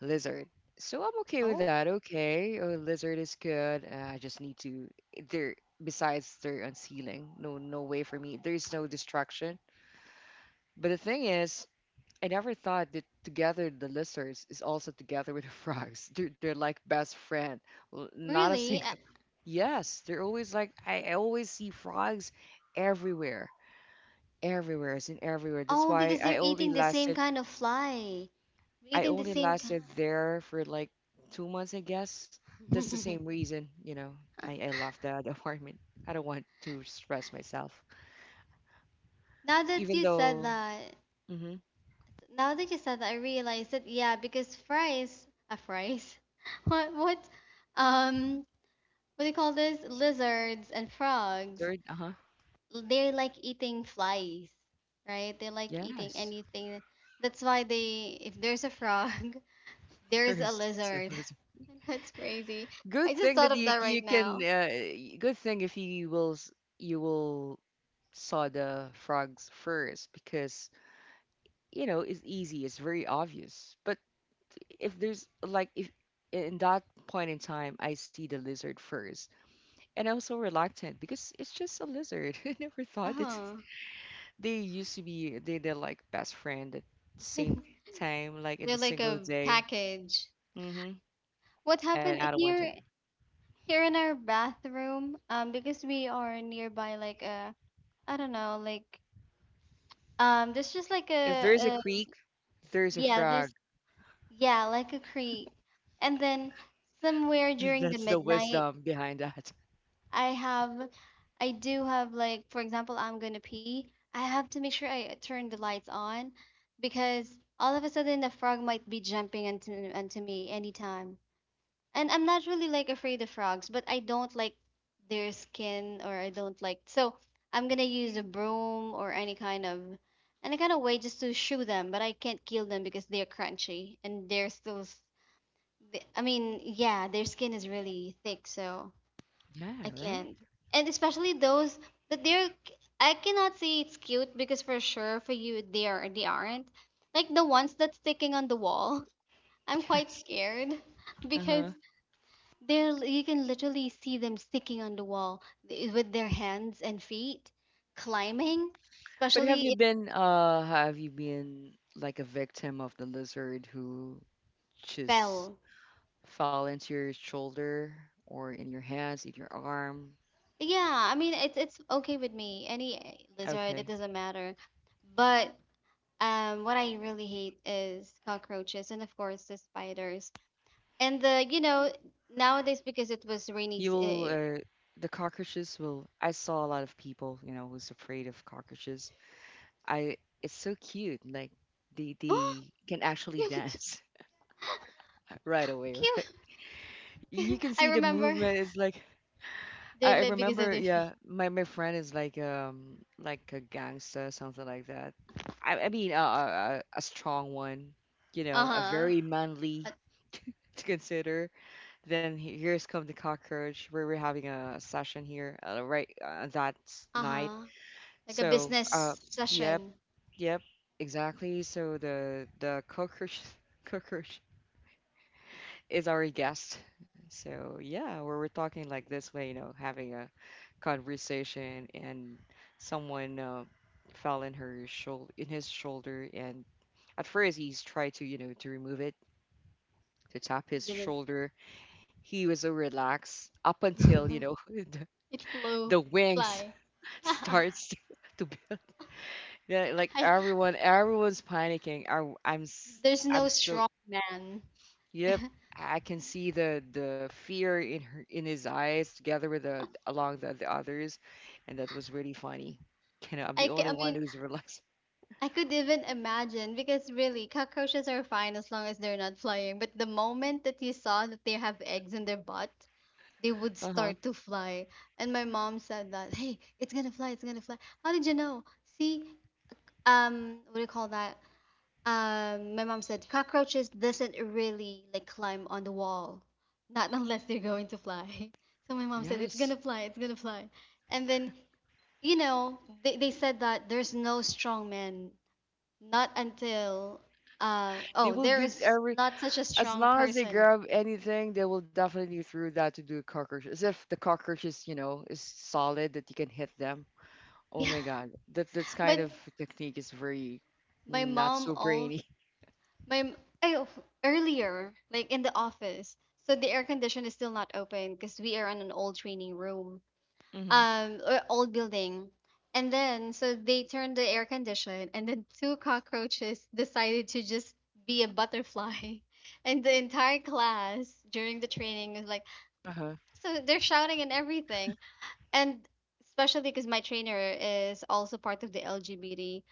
[SPEAKER 1] lizard. So I'm okay with
[SPEAKER 2] Oh,
[SPEAKER 1] that. Okay, oh, lizard is good. I just need to there besides they're unsealing. No, no way for me. There's no distraction. But the thing is, I never thought that together the lizards is also together with the frogs. They're like best friend. Not a
[SPEAKER 2] really?
[SPEAKER 1] single. Yes, they're always like I always see frogs everywhere, everywhere, is in everywhere. That's
[SPEAKER 2] Oh,
[SPEAKER 1] why
[SPEAKER 2] because they're
[SPEAKER 1] I only
[SPEAKER 2] eating the same
[SPEAKER 1] lasted.
[SPEAKER 2] kind of fly. They're
[SPEAKER 1] I
[SPEAKER 2] eating the
[SPEAKER 1] only
[SPEAKER 2] same kind.
[SPEAKER 1] lasted there for like 2 months, I guess. That's the same reason, you know. I left that apartment. I don't want to stress myself,
[SPEAKER 2] Now that
[SPEAKER 1] even
[SPEAKER 2] you said
[SPEAKER 1] though.
[SPEAKER 2] that,
[SPEAKER 1] Mm-hmm.
[SPEAKER 2] now that you said that, I realized that, yeah, because fries, fries, what what, um, what do you call this? Lizards and frogs.
[SPEAKER 1] Third, uh huh.
[SPEAKER 2] They like eating flies, right? They like eating
[SPEAKER 1] Yes,
[SPEAKER 2] anything. That's why they, if there's a frog, there's a
[SPEAKER 1] there's
[SPEAKER 2] lizard. That's crazy.
[SPEAKER 1] good
[SPEAKER 2] I just
[SPEAKER 1] thing that
[SPEAKER 2] thought of
[SPEAKER 1] you
[SPEAKER 2] that
[SPEAKER 1] you
[SPEAKER 2] right
[SPEAKER 1] can.
[SPEAKER 2] now.
[SPEAKER 1] Good thing if you will saw the frogs first because it's easy. It's very obvious. But if there's like if in that point in time I see the lizard first, and I'm so reluctant because it's just a lizard. I never thought that
[SPEAKER 2] Oh,
[SPEAKER 1] they used to be they they're like best friend at same time like in
[SPEAKER 2] they're
[SPEAKER 1] the
[SPEAKER 2] like
[SPEAKER 1] single
[SPEAKER 2] a
[SPEAKER 1] day.
[SPEAKER 2] package.
[SPEAKER 1] Mm-hmm.
[SPEAKER 2] What
[SPEAKER 1] And
[SPEAKER 2] happened
[SPEAKER 1] I don't want it.
[SPEAKER 2] here here in our bathroom? Because we are nearby, like a, I don't know, like there's just like
[SPEAKER 1] If there's a
[SPEAKER 2] a
[SPEAKER 1] creek, there's a
[SPEAKER 2] yeah,
[SPEAKER 1] frog.
[SPEAKER 2] there's, yeah, like a creek, and then somewhere during the
[SPEAKER 1] That's the
[SPEAKER 2] midnight,
[SPEAKER 1] wisdom behind that.
[SPEAKER 2] I have, I do have like, for example, I'm gonna pee. I have to make sure I turn the lights on because all of a sudden the frog might be jumping into me anytime. And I'm not really like afraid of frogs, but I don't like their skin or I don't like so I'm gonna use a broom or any kind of, any kind of way just to shoo them, but I can't kill them because they're crunchy and they're still. I mean, yeah, their skin is really thick, so I
[SPEAKER 1] Yeah, right?
[SPEAKER 2] can't. And especially those that they're, I cannot say it's cute because for sure for you they are they aren't. Like the ones that's sticking on the wall. I'm quite
[SPEAKER 1] Yes.
[SPEAKER 2] scared
[SPEAKER 1] Uh-huh.
[SPEAKER 2] because they're, you can literally see them sticking on the wall with their hands and feet climbing,
[SPEAKER 1] But have
[SPEAKER 2] especially
[SPEAKER 1] you
[SPEAKER 2] if
[SPEAKER 1] been uh have you been like a victim of the lizard who
[SPEAKER 2] it
[SPEAKER 1] just
[SPEAKER 2] fell.
[SPEAKER 1] fall into your shoulder or in your hands, in your arm?
[SPEAKER 2] Yeah, I mean it's okay with me. Any eh, lizard, it
[SPEAKER 1] Okay.
[SPEAKER 2] doesn't matter. But what I really hate is cockroaches and of course the spiders. And the, you know, nowadays because it was rainy.
[SPEAKER 1] You will the cockroaches will I saw a lot of people, who's afraid of cockroaches. I it's so cute. Like they
[SPEAKER 2] Oh,
[SPEAKER 1] they can actually
[SPEAKER 2] cute,
[SPEAKER 1] dance right away, right?
[SPEAKER 2] cute.
[SPEAKER 1] You can see
[SPEAKER 2] I
[SPEAKER 1] the
[SPEAKER 2] remember
[SPEAKER 1] movement. It's like I
[SPEAKER 2] they live because of
[SPEAKER 1] remember,
[SPEAKER 2] their feet.
[SPEAKER 1] yeah, my friend is like a gangster, something like that. I mean, a strong one,
[SPEAKER 2] Uh
[SPEAKER 1] a
[SPEAKER 2] huh.
[SPEAKER 1] very manly to consider. Then here's come the cockroach. We were having a session here right that
[SPEAKER 2] Uh
[SPEAKER 1] night.
[SPEAKER 2] huh. Like a
[SPEAKER 1] So,
[SPEAKER 2] business
[SPEAKER 1] yep,
[SPEAKER 2] session.
[SPEAKER 1] yep, exactly. So the cockroach cockroach is our guest. So yeah, where we're talking like this way, having a conversation and someone fell in her shoulder in his shoulder, and at first he's tried to remove it, to tap
[SPEAKER 2] And
[SPEAKER 1] his
[SPEAKER 2] then
[SPEAKER 1] shoulder. He was so relaxed up
[SPEAKER 2] it
[SPEAKER 1] until, the,
[SPEAKER 2] it flew
[SPEAKER 1] the wings
[SPEAKER 2] fly.
[SPEAKER 1] starts to build. Yeah, like
[SPEAKER 2] I,
[SPEAKER 1] everyone's panicking. I, I'm s-
[SPEAKER 2] there's
[SPEAKER 1] I'm
[SPEAKER 2] no
[SPEAKER 1] so.
[SPEAKER 2] strong man.
[SPEAKER 1] Yep, I can see the fear in her in his eyes, together with the others, and that was really funny. You know, I'm the only
[SPEAKER 2] I
[SPEAKER 1] one
[SPEAKER 2] mean,
[SPEAKER 1] who's relaxed.
[SPEAKER 2] I could even imagine because really cockroaches are fine as long as they're not flying. But the moment that you saw that they have eggs in their butt, they would
[SPEAKER 1] Uh-huh.
[SPEAKER 2] start to fly. And my mom said that, hey, it's gonna fly, it's gonna fly. How did you know? See, what do you call that? My mom said cockroaches doesn't really like climb on the wall, not unless they're going to fly. So my mom said it's
[SPEAKER 1] Yes,
[SPEAKER 2] gonna fly, it's gonna fly. And then you know they said that there's no strong man, not until
[SPEAKER 1] they
[SPEAKER 2] oh
[SPEAKER 1] will
[SPEAKER 2] there
[SPEAKER 1] give
[SPEAKER 2] is
[SPEAKER 1] every
[SPEAKER 2] not such a
[SPEAKER 1] as
[SPEAKER 2] strong
[SPEAKER 1] long as they
[SPEAKER 2] person.
[SPEAKER 1] grab anything, they will definitely throw that to the cockroach. As if the cockroach is solid that you can hit them. Oh
[SPEAKER 2] Yeah,
[SPEAKER 1] my God, that's kind
[SPEAKER 2] but
[SPEAKER 1] of technique is very
[SPEAKER 2] my
[SPEAKER 1] not
[SPEAKER 2] mom
[SPEAKER 1] so
[SPEAKER 2] all
[SPEAKER 1] brainy.
[SPEAKER 2] My m- earlier, like in the office, so the air condition is still not open because we are in an old training room,
[SPEAKER 1] Hmm.
[SPEAKER 2] or old building. And then so they turned the air condition, and then two cockroaches decided to just be a butterfly, and the entire class during the training is like,
[SPEAKER 1] Uh-huh.
[SPEAKER 2] so they're shouting and everything, and especially because my trainer is also part of the LGBT,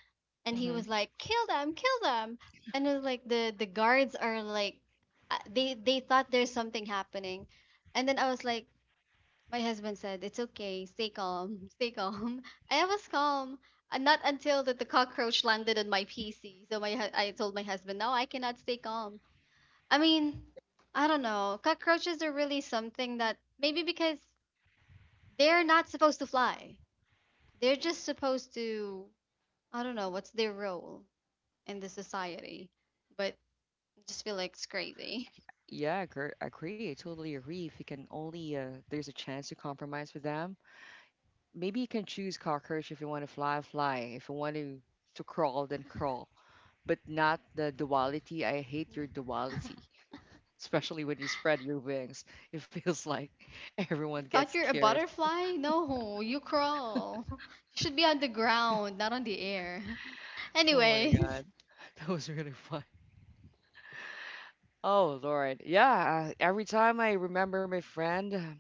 [SPEAKER 2] and he was like, "Kill them, kill them!" And it was like the guards are like, they thought there's something happening, and then I was like, my husband said, "It's okay, stay calm, stay calm." I was calm, and not until that the cockroach landed on my PC. So I told my husband, "No, I cannot stay calm." I mean, I don't know. Cockroaches are really something that maybe because they're not supposed to fly. They're just supposed to, I don't know what's their role in the society, but I just feel like it's crazy.
[SPEAKER 1] Yeah, I agree. I agree. I totally agree. If you can only, there's a chance to compromise with them. Maybe you can choose cockroach if you want to fly, fly. If you want to crawl, then crawl. But not the duality. I hate your duality, especially when you spread your wings. It feels like everyone
[SPEAKER 2] You
[SPEAKER 1] gets
[SPEAKER 2] thought you're a
[SPEAKER 1] scared.
[SPEAKER 2] butterfly? No, you crawl. You should be on the ground, not on the air.
[SPEAKER 1] Oh my
[SPEAKER 2] Anyways,
[SPEAKER 1] God, that was really fun. Oh Lord, yeah. Every time I remember my friend.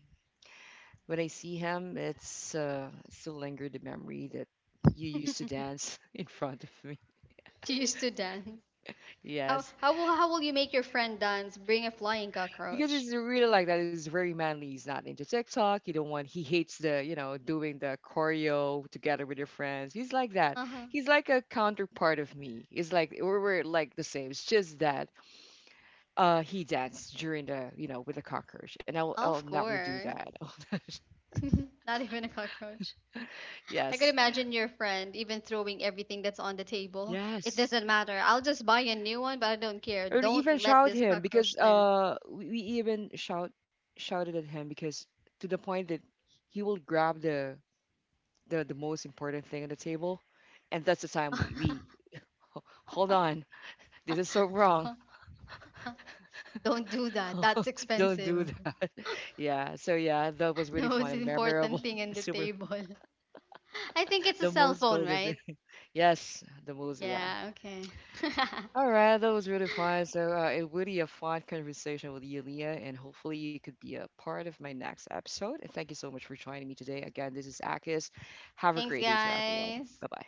[SPEAKER 1] When I see him, it's still linger the memory that you used to dance in front of me.
[SPEAKER 2] she used to dance.
[SPEAKER 1] Yes,
[SPEAKER 2] How will you make your friend dance? Bring a flying
[SPEAKER 1] because
[SPEAKER 2] cockroach.
[SPEAKER 1] he's really like that. He's very manly. He's not into TikTok. He don't want. He hates the doing the choreo together with your friends. He's like that.
[SPEAKER 2] Uh huh.
[SPEAKER 1] He's like a counterpart of me. It's like we're like the same. It's just that he danced during the with the cockroach, and I'll
[SPEAKER 2] Of
[SPEAKER 1] never do
[SPEAKER 2] course.
[SPEAKER 1] that.
[SPEAKER 2] Not even a cockroach.
[SPEAKER 1] Oh,
[SPEAKER 2] I could
[SPEAKER 1] yes,
[SPEAKER 2] imagine your friend even throwing everything that's on the table. It
[SPEAKER 1] yes.
[SPEAKER 2] doesn't matter. I'll just buy a new one, but I don't care.
[SPEAKER 1] Or
[SPEAKER 2] Don't
[SPEAKER 1] even
[SPEAKER 2] let
[SPEAKER 1] shout
[SPEAKER 2] this
[SPEAKER 1] him
[SPEAKER 2] cockroach
[SPEAKER 1] because
[SPEAKER 2] land.
[SPEAKER 1] we even shouted at him because to the point that he will grab the most important thing on the table, and that's the time we, "Hold on, this is so wrong.
[SPEAKER 2] Don't do that. That's
[SPEAKER 1] Don't do
[SPEAKER 2] expensive.
[SPEAKER 1] that." Yeah, so yeah, that was really
[SPEAKER 2] The
[SPEAKER 1] fun
[SPEAKER 2] most
[SPEAKER 1] and memorable.
[SPEAKER 2] important thing in the
[SPEAKER 1] Super.
[SPEAKER 2] table. I think it's a
[SPEAKER 1] The
[SPEAKER 2] cell
[SPEAKER 1] most
[SPEAKER 2] phone,
[SPEAKER 1] golden thing.
[SPEAKER 2] right?
[SPEAKER 1] Yes, the most. Yeah.
[SPEAKER 2] Yeah, okay.
[SPEAKER 1] All right, that was really fun. So, it really a fun conversation with you, Leah, and hopefully you could be a part of my next episode. And thank you so much for joining me today. Again, this is Akis. Have a
[SPEAKER 2] Thanks,
[SPEAKER 1] great day to everyone.
[SPEAKER 2] guys.
[SPEAKER 1] Bye bye.